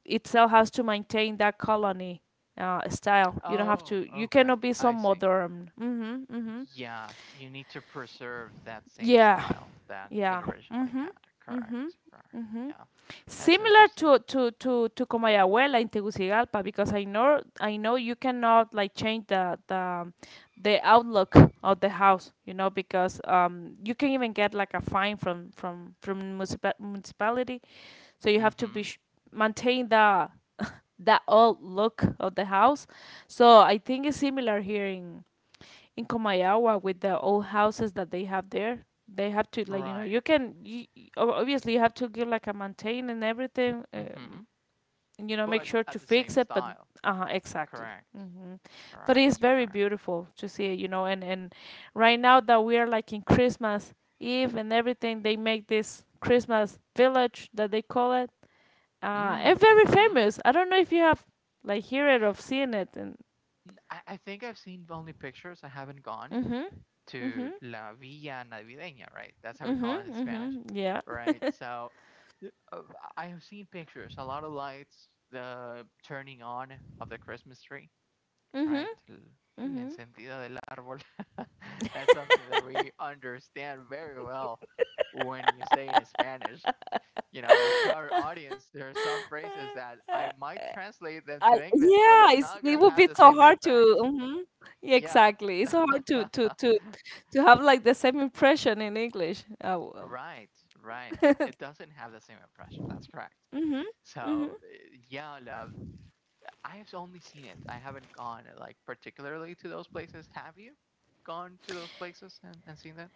itself has to maintain that colony uh, style. You don't have Oh, to. You okay. cannot be so I see. modern. Mhm. Mhm. Yeah, you need to preserve that same Yeah. style that it Yeah. originally Mhm. had. Mhm. Correct. Correct. Mhm. Yeah, that's Similar interesting. to to to to Comayagüela in Tegucigalpa, because I know I know you cannot like change the the the outlook of the house, you know, because um you can even get like a fine from from from municipa- municipality. So you have to be Mm-hmm. sh- maintain the (laughs) the old look of the house. So I think it's similar here in in Comayawa with the old houses that they have there. They have to, like, you know, Right. you can you, you- ob- obviously you have to give like a maintain and everything. Um, Mm-hmm. You know, make But sure at to the same fix it, but style. uh huh, exactly. Correct. Hmm. But it's Correct. very Correct. beautiful to see it, you know. And and right now that we are like in Christmas Eve and everything, they make this Christmas village that they call it, uh, and Mm, very hmm. famous. I don't know if you have like hear it or seen it. And I, I think I've seen only pictures. I haven't gone mhm, to mhm, La Villa Navideña, right? That's how we call mhm, it in Spanish, mhm, yeah, right? So. Yeah, uh, I have seen pictures, a lot of lights, the turning on of the Christmas tree, right? mhm, La mhm. encendida del árbol. (laughs) That's something that we understand very well when you say it in Spanish. You know, to our audience, there are some phrases that I might I translate them to English, yeah, but it's, it's it not going would to be have the so same hard to. impact. Mhm. Yeah, Yeah. exactly. It's so hard to to (laughs) to to have like the same impression in English. Uh Right, right. It, it doesn't have the same impression. That's correct. Mm-hmm. So, eh, yeah, love, I have only seen it. I haven't gone eh, like particularly to those places. Have you gone to those places and, and seen that?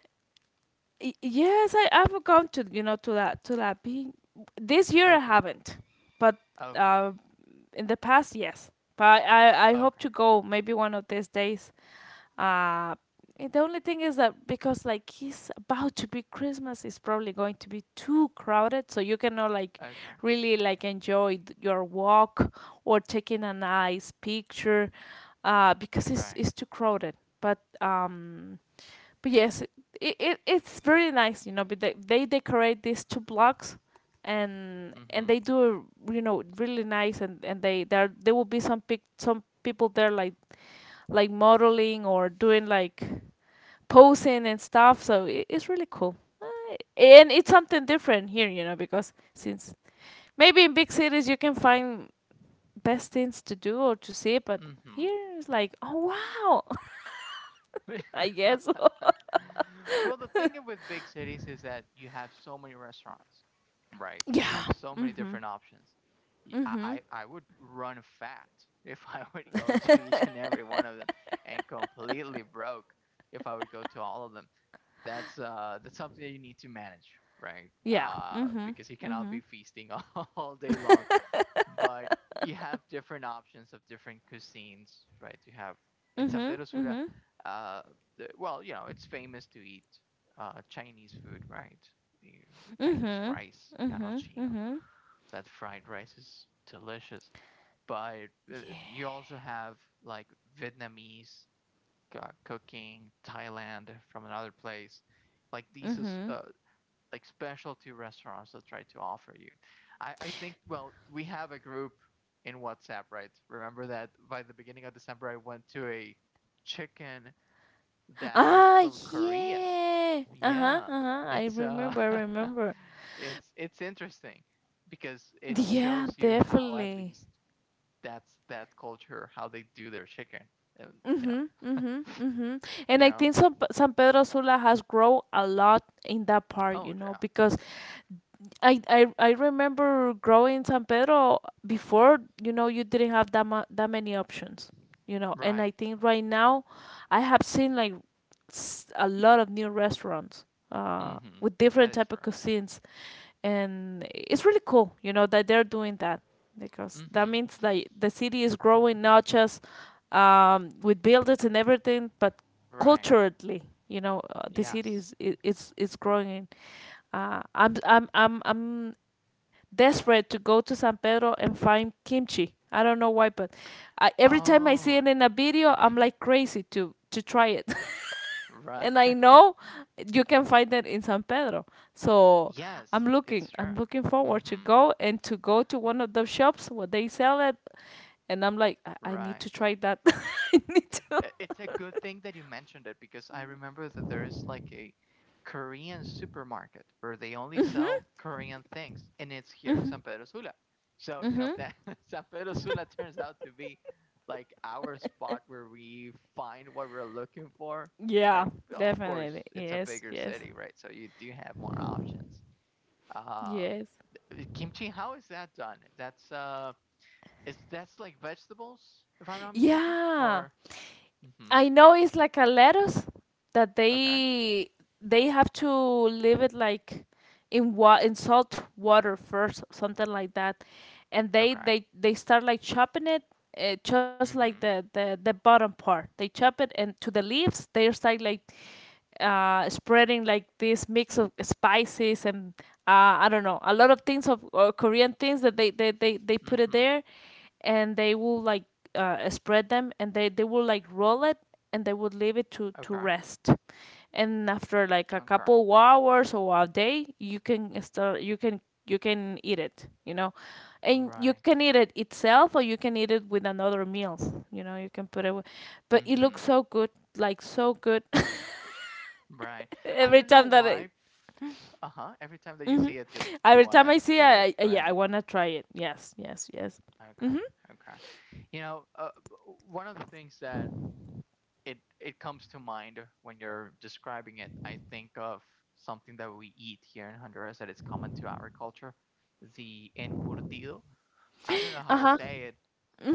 Yes, I I've gone to, you know, to that to that being, this year I Okay, haven't, but okay, uh, in the past, yes. But I I hope okay, to go maybe one of these days. Uh, eh, the only thing is that because like it's about to be Christmas, it's probably going to be too crowded, so you cannot like okay. really like enjoy th- your walk or taking a nice picture, uh, because it's Right. it's too crowded. But um, but yes, it, it it's very nice, you know. But they, they decorate these two blocks. And and Mm-hmm. they do, you know, really nice, and and they there there will be some pic some people there like like modeling or doing like posing and stuff. So i- it's really cool. Uh, And it's something different here, you know, because since maybe in big cities you can find best things to do or to see, but Mm-hmm. here it's like, oh, wow, (laughs) I guess. (laughs) (laughs) Well, the thing with big cities is that you have so many restaurants, right? You have Yeah. so many Mhm. different options. Y- Mhm. I, I, I would run fat if I (laughs) would go to each and every one of them and completely broke if I would go to all of them. That's uh that's something that you need to manage, right? Yeah. Uh, Mhm. Because you cannot be Mhm. feasting (laughs) all, all day long but you have different options of different cuisines, right? You have in San Mhm. Pedro Sula, Mhm. uh, the, well, you know, it's famous to eat uh, Chinese food, right? The Chinese Mhm. rice and arroz Mhm. chino. Mhm. That fried rice is delicious. But uh, Yeah. you also have like Vietnamese uh, cooking, Thailand from another place. Like these is, Mhm. uh, like specialty restaurants that try to offer you. I, I think, well, we have a group in WhatsApp, right? Remember that by the beginning of December, I went to a chicken that is Ah, from Korea. yeah. Uh huh. Yeah, Uh huh. I it's uh, remember. I remember. (laughs) it's it's interesting because it Yeah, shows you how at definitely. least that's that culture, how they do their chicken, and you know, Mhm, mhm, mhm. And I yeah. think San, San Pedro Sula has grown a lot in that part, Oh, you know, yeah, because I, I I remember growing San Pedro before, you know, you didn't have that mu- that many options, you know. And right. I think right now, I have seen like s- a lot of new restaurants, uh, Mm-hmm. with That different is type true. of cuisines, and it's really cool, you know, that they're doing that, because that Mm-hmm. means that the city is growing not just um, with buildings and everything, but Right. culturally. You know, uh, the city Yes. is, it, it's it's growing. Uh, I'm I'm I'm I'm desperate to go to San Pedro and find kimchi. I don't know why, but I, every time I see Oh, it in a video, I'm mm-hmm. like crazy to to try it. (laughs) Right. And I (laughs) know you can find it in San Pedro. So I'm Yes, looking it's true. I'm looking forward to Mm-hmm. go and to go to one of the shops where they sell it, and I'm like, I, I need Right. to try that. I- It's a good thing that you mentioned it because I remember that there is like a Korean supermarket where they only sell Korean things, and it's here in San Pedro Sula. So, you know, that (laughs) San Pedro Sula turns out to be like our spot where we find what we're looking for, (laughs) Yeah, right? Well, of definitely. course, it's a Yes, bigger yes, city, right? So you do have more options. Um, yes. Kimchi, how is that done? That's uh, Is that's like vegetables, if I'm not mistaken, Yeah. or mm-hmm. I know it's like a lettuce that Okay, they they have to leave it like in wa- in salt water first, something like that, and they okay, they they start like chopping it. Uh, just like mm-hmm, the, the the bottom part, they chop it, and to the leaves they start like uh, spreading like this mix of spices, and uh, I don't know, a lot of things of uh, Korean things that they, they, they, they put mm-hmm. it there, and they will like uh, spread them, and they, they will like roll it, and they would leave it to Okay, to rest, and after like a okay, couple hours or a day you can start, you can you can eat it you know, and you right, can eat it itself or you can eat it with another meals, you know you can put it with. But it mm-hmm, looks so good, like so good. (laughs) right. I Every don't know time that I, why. Uh-huh. Every time that you Mhm. see it, you you Every want time to I see it, eat it, I, I yeah, I right? wanna try it, yes, yes, yes. Okay, okay. You know, uh, one of the things that it it comes to mind when you're describing it. I think of something that we eat here in Honduras that is common to our culture, the encurtido. I don't know Uh how to huh. say it.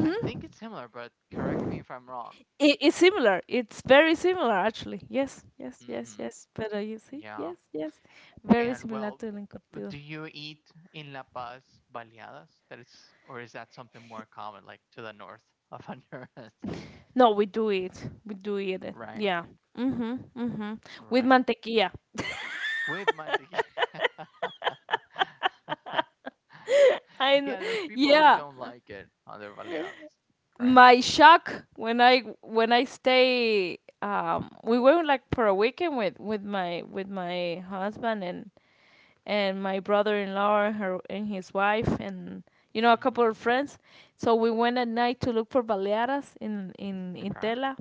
I think it's similar, but correct me if I'm wrong. It, it's similar. It's very similar, actually. Yes, yes, yes, Hmm. yes. Pero, you see, Yeah. yes, yes, very And similar well, to el encurtido. do you eat in La Paz baleadas? That is, or is that something more common, like to the north of Honduras? (laughs) No, we do it. We do eat it. eh. Right, Yeah. Mhm. Mhm. With right. mantequilla. With mantequilla. (laughs) And Yeah, there's people who yeah, don't like it on their Baleadas. Correct. my shock when I when I stay. Um, we went like for a weekend with with my with my husband and and my brother-in-law and her and his wife, and you know, a couple Mm-hmm. of friends. So we went at night to look for baleadas in in in Tela,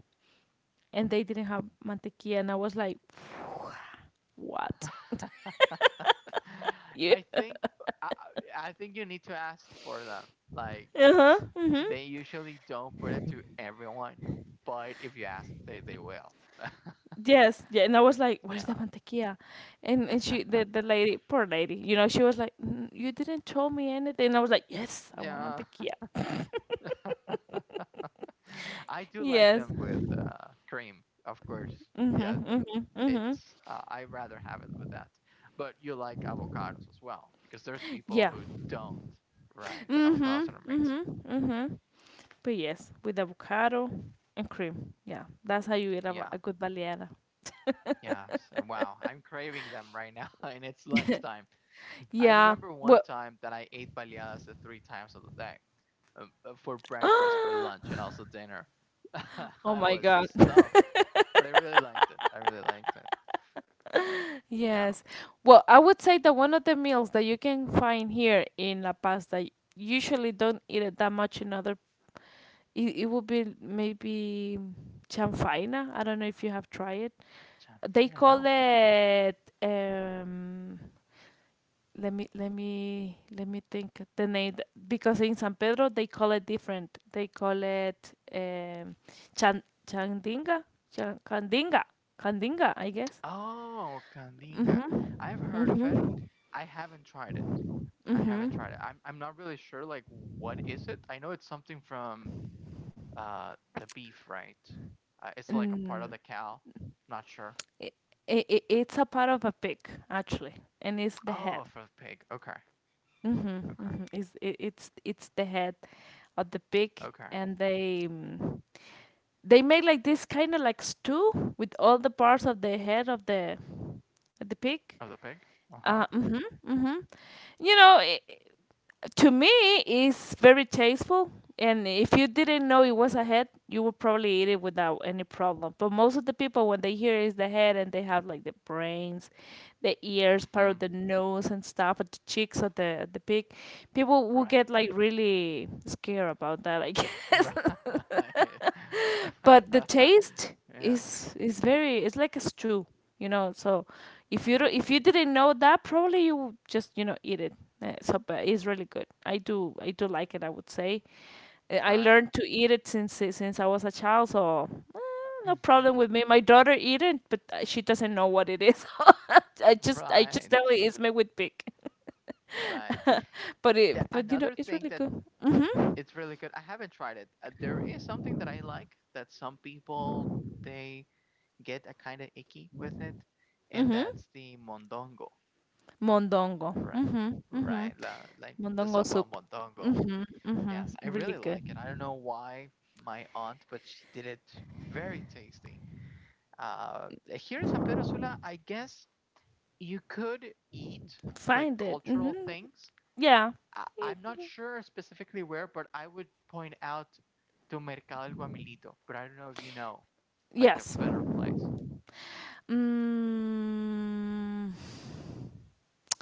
and they didn't have mantequilla, and I was like, "What?" Okay. (laughs) I Yeah. think I, I think you need to ask for them. Like Uh huh. it's Mhm. they usually don't put it to everyone, but if you ask, they they will. Yes. Yeah. And I was like, "Where's the Yeah. mantequilla?" And and she, the the lady, poor lady, you know, she was like, "Mm, you didn't tell me anything." And I was like, "Yes, (laughs) I want Yeah. mantequilla." (laughs) (laughs) I do like Yes. them with uh, cream, of course. Yeah, the Mhm. Mhm. Mhm. it's uh, I rather have it with that. But you like avocados as well because there's people Yeah. who don't, right? Avocados Mhm. are amazing. Mhm. Mhm. But yes, with avocado and cream. Yeah, that's how you eat a, Yeah. a good baleada. Yeah, so, wow, I'm craving them right now, (laughs) and it's lunchtime. I Yeah. remember one Well, time that I ate baleadas the three times of the day, um, uh, for (gasps) breakfast, for oh lunch, and also dinner. (laughs) I my was uh, God. stuffed, (laughs) but I really liked it. I really liked it. Yeah. Yes. Well, I would say that one of the meals that you can find here in La Paz that usually don't eat it that much in other, it, it would be maybe chanfaina. I don't know if you have tried it. They Chanfaina, call no. it um let me let me let me think the name, th- because in San Pedro they call it different. They call it um, chan chandinga, chan, candinga, candinga, I guess. Oh, Kandinga. Mhm. I've heard of Mhm. it. I haven't tried it. I haven't Mhm. tried it. I'm I'm not really sure like what is it. I know it's something from uh the beef, right? Uh, it's like a part of Mm, the cow. Not sure. it, it, it's a part of a pig, actually, and it's the head. Oh, for the pig. Okay. Mhm. Okay. Mhm. It's it, it's it's the head of the pig, Okay. and they. mm, they made like this kind of like stew with all the parts of the head of the the pig. Of the pig? Uh, Uh-huh. mhm, mhm. You know, I to me, it's very tasteful. And if you didn't know it was a head, you would probably eat it without any problem. But most of the people, when they hear it's the head, and they have like the brains, the ears, part Mm-hmm. of the nose and stuff, and the cheeks of the the pig, people will Right. get like really scared about that. Like, (laughs) Right. but the (laughs) taste Yeah. is is very, it's like a stew, you know. So if you do, Mm-hmm. if you didn't know that, probably you would just you know eat it. Uh, so but it's really good. i do I do like it, I would say. Uh, i Right. learned to eat it since uh, since I was a child. So eh, no Mm-hmm. problem with me. My daughter eat it, but uh, she doesn't know what it is. (laughs) i just i just Right. tell her it's made with pig, Right. but it Yeah, but you know another it's thing really that good. it's really good. I haven't tried it. Uh, there is something that I like that some people they get a kind of icky with it, and Mm-hmm. that's the mondongo, Mondongo. right? Mm-hmm. Mm-hmm. Right, la, like the Mondongo sopa soup. mondongo. Mhm, mhm. Yes, I Really really good. like it. I don't know why my aunt, but she did it very tasty. Uh, here in San Pedro Sula, I guess you could eat like Find it. cultural Mhm. things. Yeah. I, Y- I'm not y- sure specifically where, but I would point out to Mercado El Guamilito, but I don't know if you know like a Yes. better place. Mm,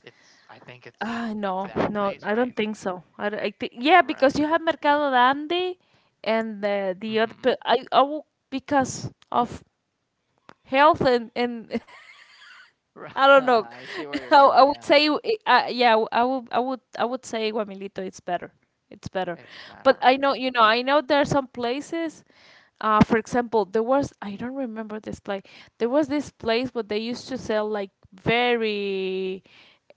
It's I think it's ah, no, that no, place, I don't right? think so. I, don't- I think yeah, because Right. you have Mercado Grande, and uh, the other. Pe- I, I will- because of health and and (laughs) I Mm-hmm. (laughs) don't know. I see where (laughs) you're I, I going. would Yeah, say, I- uh, yeah, w- I would, I would, I would say Guamilito. It's better. It's better. it's But better, I right? know, you know, I know there are some places. Uh, for example, there was I don't remember this place. There was this place where they used to sell like very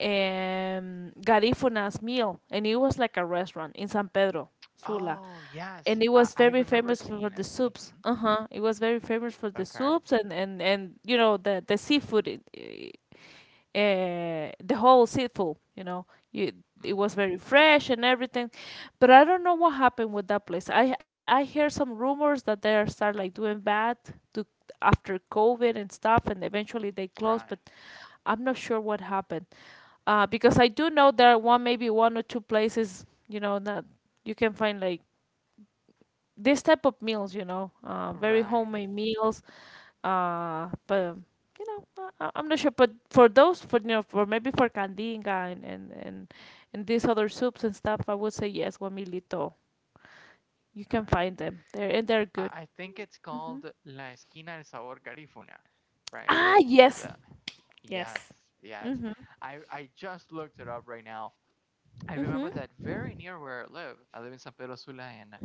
um garifunas meal, and it was like a restaurant in San Pedro Sula, Oh yes, and it I, I was very remember famous seeing for it. for the Mm-hmm. soups. Uh huh. It was very famous for the Okay. soups, and and and you know, the the seafood. It, it- uh, the whole seafood. You know, you, it was Mm-hmm. very fresh and everything. But I don't know what happened with that place. I I hear some rumors that they are start like doing bad to after COVID and stuff, and eventually they closed. But Right. I'm not sure what happened. Uh, because I do know there are one, maybe one or two places, you know, that you can find like this type of meals, you know, uh, very Right. homemade meals. Uh, but you know, I, I- I'm not sure. But for those, for you know, for maybe for candinga and and and, and these other soups and stuff, I would say yes, Guamilito. You can Right. find them. They're and they're I, good. I think it's called La Esquina del Sabor Garifuna, right? Ah, yes. The yes, yes. Mhm. I I just looked it up right now. I remember Mhm. that very near where I live. I live in San Pedro Sula in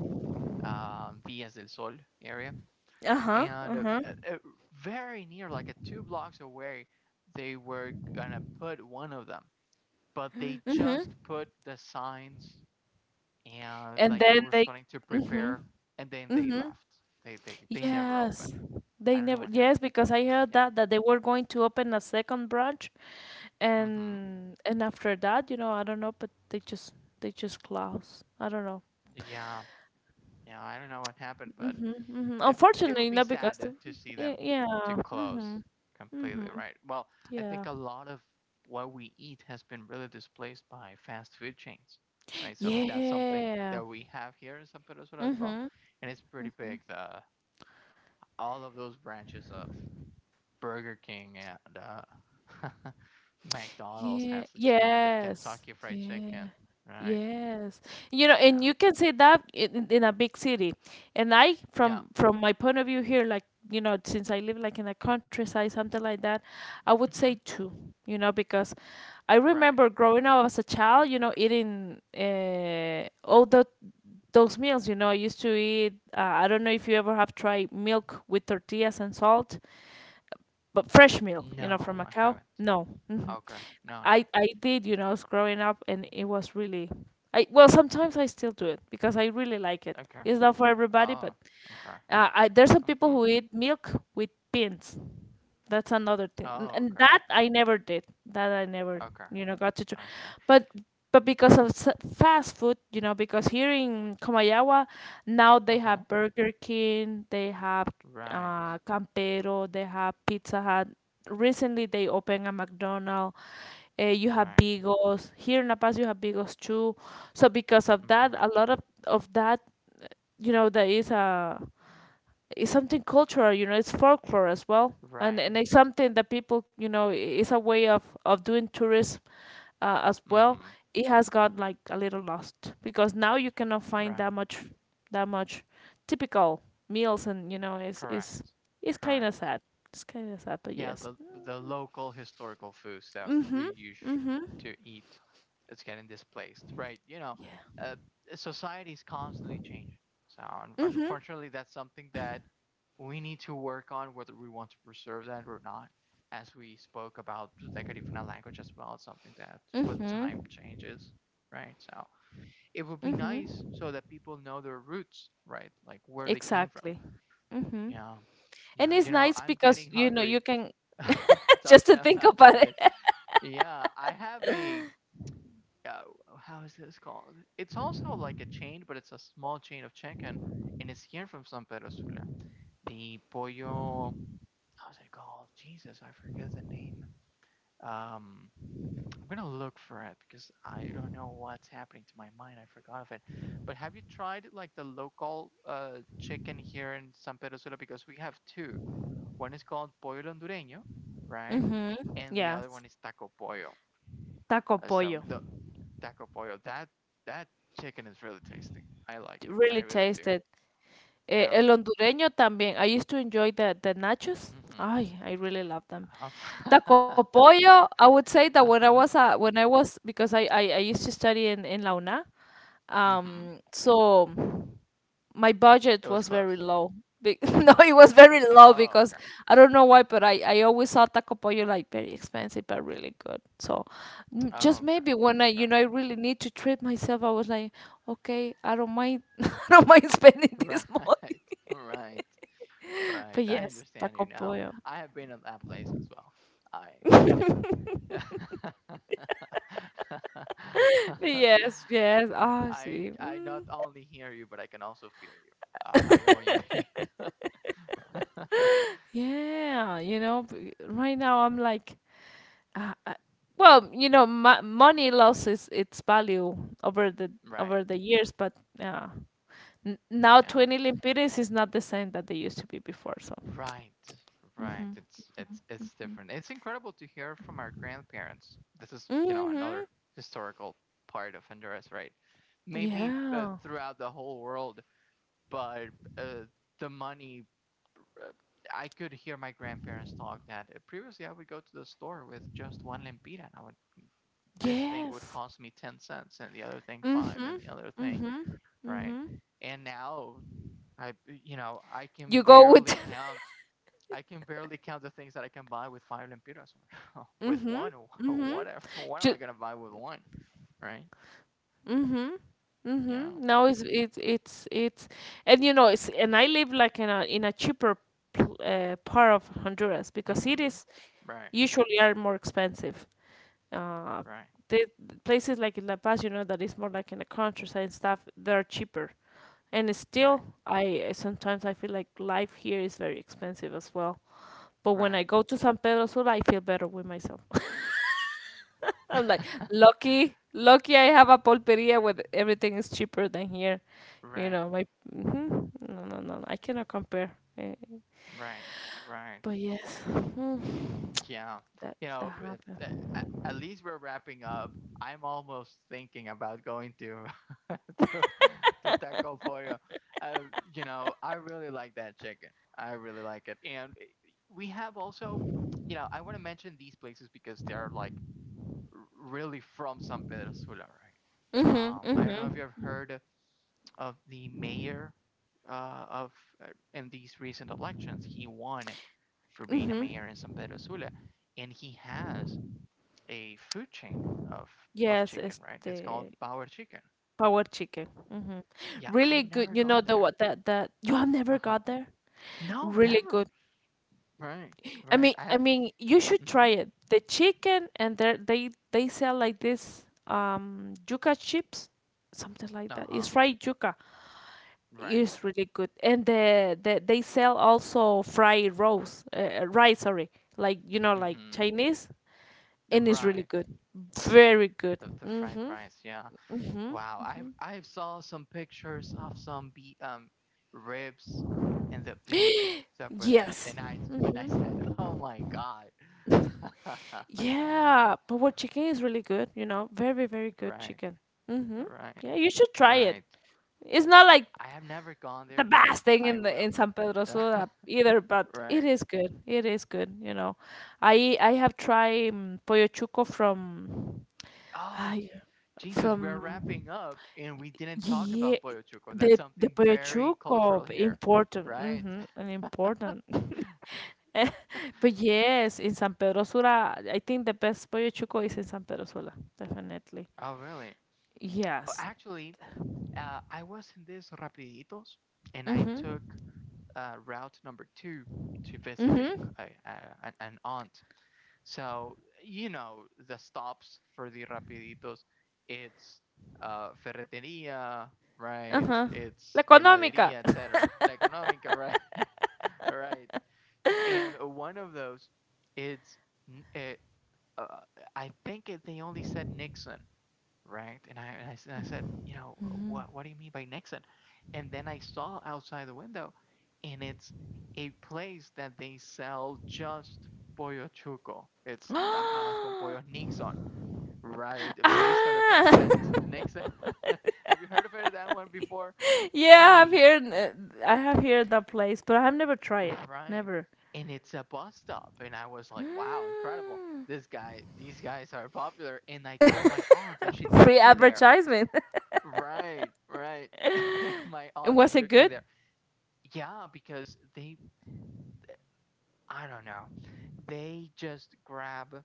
um, Villas del Sol area, Uh huh. Uh and uh, huh. uh, very near, like a two blocks away, they were gonna put one of them, but they just put the signs and And like they then were they. starting to Mhm. prepare, and then they Mhm. left. They they they never opened. Yes. They I don't know never. what Yes, happened. because I heard Yeah. that that they were going to open a second branch, Mm-hmm. and and after that, you know, I don't know, but they just they just close. I don't know. Yeah. Yeah. I don't know what happened, but Mm-hmm, mm-hmm. it it would Unfortunately, be not because sad to, the, to see y- them to yeah. close Mm-hmm. Mm-hmm. completely. Right. Well, I think Yeah. a lot of what we eat has been really displaced by fast food chains. Right. So that's something Yeah. that we have here in San Pedro as well, Mm-hmm. and it's pretty big. The All of those branches of Burger King and uh, (laughs) McDonald's Yeah, has expanded. yes, Kentucky Fried yeah, Chicken. Right. yes. You know, and Yeah. you can say that in, in in a big city. And I, Yeah. from from my point of view here, like, you know, since I live like in a countryside, something like that, I would say Mhm. two. You know, because I Right. remember growing up as a child, you know, eating uh, all the those meals. You know, I used to eat. Uh, I don't know if you ever have tried milk with tortillas and salt, but fresh milk, you know, from No, a I cow. haven't. No. Mhm. Okay. No, no. I I did, you know, I was growing up, and it was really, I well, sometimes I still do it because I really like it. Okay. It's not for everybody, Oh, but okay. uh, I, there's some people Mm-hmm. who eat milk with pins. That's another thing, N- Oh, and okay. that I never did. That I never, Okay. you know, got to try. Okay. But but because of s- fast food, you know, because here in Comayagua now they Uh-huh. have Burger King, they have Right. uh, Campero, they have Pizza Hut. Recently, they opened a McDonald's. Uh, you have Right. Bigos here in La Paz. You have Bigos too. So because of that, Mm-hmm. a lot of of that, you know, there is a it's something cultural, you know, it's folklore as well, and Right. and it's something that people, you know, i- it's a way of of doing tourism, uh, as well. Mm-hmm. It has got like a little lost because now you cannot find that Right. much, that much typical meals, and you know it's it's Correct. it's kind of Correct. sad. It's kind of sad, but Yeah, yes. the the local historical foods that Mhm. we used Mhm. to eat it's getting displaced, right? You know, Yeah. uh, society is constantly changing. So un- Mhm. unfortunately, that's something that we need to work on, whether we want to preserve that or not. As we spoke about Decarifuna language as well, it's something that with Mhm. time changes, right? So it would be nice Mhm. so that people know their roots, right? Like where they came from. Exactly. Mhm. Yeah, And yeah. it's You know, nice I'm because getting you know you hungry. can (laughs) (laughs) just to Talking think about. about it, yeah, I have a uh, how is this called? It's also like a chain, but it's a small chain of chicken, and it's here from San Pedro Sula. The pollo, how's it called? Jesus, I forget the name. Um, I'm gonna look for it because I don't know what's happening to my mind. I forgot of it. But have you tried like the local uh chicken here in San Pedro Sula? Because we have two. One is called Pollo Hondureño, right? Ujú. And the other Yes, one is Taco Pollo. taco Uh, So pollo. the Taco Pollo, that that chicken is really tasty. I like it. I Really really do. tasted. Eh, Yeah. el hondureño también. I used to enjoy the, the nachos. Mm-hmm. Ay, I really love them. Uh-huh. Taco (laughs) pollo, I would say that when I Uh-huh. was a, when I was, because I, I, I used to study in, in La Una. Mm-hmm. Um, so my It budget was was very close. low. Be- (laughs) no, it Okay. was very low Oh, because okay. I don't know why, but I, I always saw taco pollo like very expensive but really good. So m- Oh, just okay. maybe when I, Okay. you know, I really need to treat myself, I was like, "Okay, I don't mind, (laughs) I don't mind (laughs) spending Right. this money." (laughs) Right. Right. But I yes, understand taco you now. pollo. I have been at that place as well. I, (laughs) yeah. Yeah. (laughs) (laughs) But yes, yes. Ah, I see. I not Mm. only hear you, but I can also feel you. Uh, I know what you (laughs) mean. (laughs) Yeah, you know, b- right now I'm like. Uh, uh, well, you know, mo- money loses its value over the Right. over the years, but uh, n- now Yeah. twenty lempiras is not the same that they used to be before. So. Right. Right. Mhm. It's it's it's different. It's incredible to hear from our grandparents. This is, you know, another Mhm. historical part of Honduras, right? Maybe uh, Yeah. throughout the whole world, but uh, the money. Uh, I could hear my grandparents talk that uh, previously I would go to the store with just one lempira and I would this thing would Yes. cost me ten cents and the other thing five and the Mhm. other thing, Mhm. right? Mhm. And now I you know, I can You go with. barely count I can barely count the things that I can buy with five lempiras or (laughs) (laughs) with Mhm. one Mhm. whatever. What am Ju- I going to buy with one, right? mhm. Mhm. Yeah. Now it's it's it's it's, and you know it's and I live like in a in a cheaper, pl- uh, part of Honduras, because it Mhm. is Right. usually are more expensive. Uh, Right. the places like in La Paz, you know, that is more like in the countryside and stuff, they're cheaper. And it's Right. still, I eh, sometimes I feel like life here is very expensive as well. But when I Right. go to San Pedro Sula, I feel better with myself. (laughs) I'm like (laughs) lucky, lucky I have a pulperia where everything is cheaper than here. You Right. know, my hmm no, no, no, I cannot compare. Eh, Right. Right. but yes, mm, Yeah. that You know, that if, happened. a- at least we're wrapping up. I'm almost thinking about going to (laughs) to, to Taco Pollo. Uh, you know, I really like that chicken. I really like it. And we have also, you know, I want to mention these places because they are like r- really from San Pedro Sula, right? Mhm, Um, I don't know if you mhm, have heard of the mayor uh, of uh, in these recent elections. He won for being a mayor mhm. in San Pedro Sula, and he has a food chain of of Yes, chicken. Right, it's called este, Power Chicken. power chicken. hmm Yeah, I Really have good. never You know gone the there. what, that that you have Uh never huh. got there? No, Really never. good. Right, I right. mean, I I have. mean, you should try Mm-hmm. it. The chicken, and they they they sell like this um yuca chips, something like Uh that. It's huh. fried yuca. Right. It's really good. And the, the they sell also fried rice, uh, rice, sorry. Like, you know, like Mm-hmm. Chinese, and it's really Right. good. Very good. The the fried Mm-hmm. rice. Yeah. Mm-hmm. Wow, I I saw some pictures of some be um ribs and the beef that was Yes. and I and I said, (laughs) "Oh my God." (laughs) (laughs) Yeah, but what chicken is really good, you know, very, very good Right. chicken. Mm-hmm. Right. Yeah, you should try it. Right. It's not like I have never gone the there, but best thing I in the will. in San Pedro (laughs) Sula either, but it Right. is good. It is good, you know. I I have tried um, pollo chuco from, Oh, I Jesus, we're from wrapping up and we didn't talk yeah, about pollo chuco. That's the the something pollo very chuco cultural here, important, right? mm-hmm, an important. (laughs) (laughs) But yes, in San Pedro Sula, I think the best pollo chuco is in San Pedro Sula, definitely. (laughs) Oh, really? Oh, Yes. actually, Uh, I was in this Rapiditos, and I Mm-hmm. took uh, route number two to visit a, Mm-hmm. a, a an- aunt. So you know the stops for the Rapiditos, it's uh, ferretería, right? Uh-huh. La It's Económica. heladería, et cetera. La económica, right? (laughs) right. And one of those, it's uh, uh, I think it, they only said Nixon, right? And I, and I s- and I said, you know, what what do you mean by Nixon? And then I saw outside the window, and it's a place that they sell just pollo chuco. It's tajadas con pollo (gasps) Nixon, right? Based on the Ah! president (laughs) Nixon. (laughs) Have you heard of it, that one before? I Yeah, I've mean, heard uh, I have heard that place, but I have never tried it. right. Never. (gasps) And it's a bus stop. And I was like, wow, incredible. Mm. This guy, these guys are popular. And I told my aunt, and she took Free me there. advertisement. (laughs) Right, right. (laughs) My And aunt who was it took me good? there. Yeah, because they, I don't know, they just grab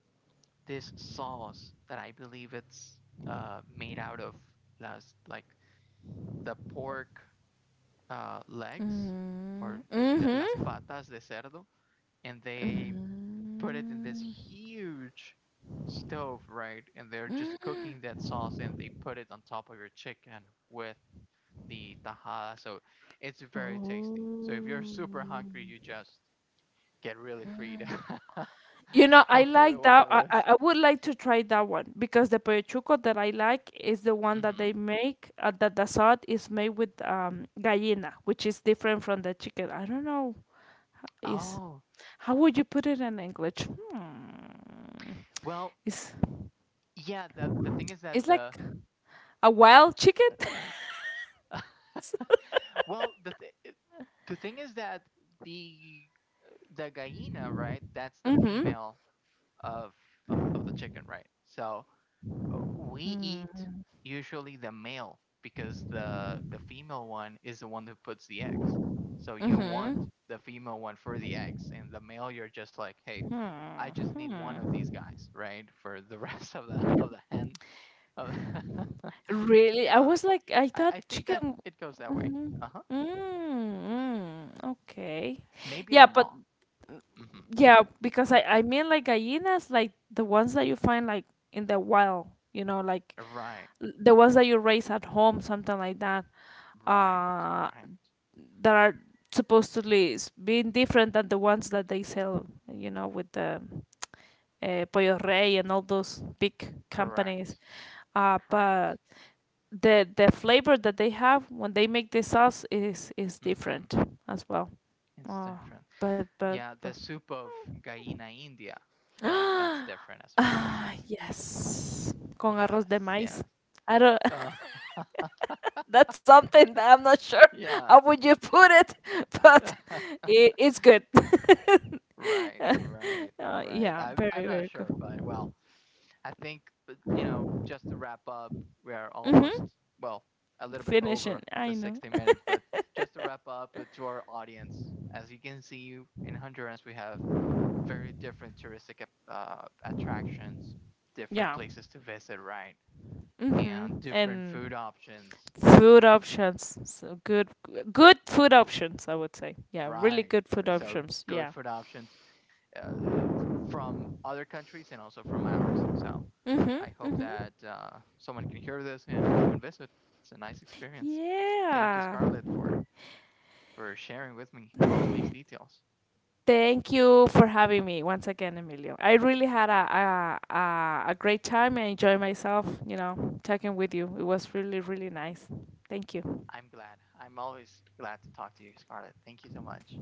this sauce that I believe it's uh, made out of las like the pork uh, legs or Mm. uh, Mm-hmm. las patas de cerdo, and they put it in this huge stove, right? And they're just cooking that sauce, and they put it on top of your chicken with the tajada. So it's very tasty. So if you're Oh. super hungry, you just get really freed (laughs) You know, I with like one that. of I, I those. I would like to try that one because the pechuco that I like is the one that Hmm. they make. Uh, that the salt is made with um gallina, which is different from the chicken. I don't know. Is Oh, How would you put it in English? Hmm. well, It's yeah. The the thing is that it's like the a wild chicken. (laughs) well the th- the thing is that the the gallina, right? That's (laughs) the Mm-hmm. female of of of the chicken, right? So we eat usually the male because the the female one is the one who puts the eggs. So you want Mm-hmm. the female one for the eggs, and the male you're just like, hey, Hmm. I just need one of Hmm. these guys, right? For the (laughs) rest of the of the hen. Of the, (laughs) Really? I yeah, was like, I I, thought I think that chicken. it goes that way. Mhm. Uh huh. Mm, mm, okay. Maybe Yeah, I'm but wrong. Mm-hmm. yeah, because I I mean like gallinas, like the ones that you find like in the wild, you know, like, Right, l- the ones that you raise at home, something like that. right, Uh, right. that are supposedly s- being different than the ones that they sell, you know, with the uh, Pollo Rey and all those big companies. Correct, Uh, correct. but the the flavor that they have when they make the sauce is is Mm-hmm. different as well. It's Oh, different. but but Yeah, but the soup of Gallina India, right? That's (gasps) ah different as well. yes, con arroz de Yes, yes. maíz. I don't. Uh, (laughs) (laughs) That's something that I'm not sure yeah. how would you put it, (laughs) but (laughs) it, it's good. Right, (laughs) right, Uh, right. yeah, I, I'm very not very good. sure, but well, I think, uh, you know, just to wrap up, we are almost, Mhm. well, a little bit Finishing. over I the know. sixty minutes, but just to wrap up uh, to our audience, as you can see in Honduras, we have very different touristic ap- uh, attractions, different Yeah. places to visit, right? And Mhm. different food And options. food options so good, good food options, I would say. Yeah, really Right. good food Right. So options. good Yeah. food options uh, from other countries and also from ours. So Mhm. I hope Mhm. that uh, someone can hear this and come and visit. It's a nice experience. Thank you, Yeah. Scarlett, for for sharing with me all of these details. Thank you for having me once again, Emilio. I really had a a, a, a great time. I enjoyed myself, you know, talking with you. It was really really nice. Thank you. I'm glad. I'm always glad to talk to you, Scarlett. Thank you so much.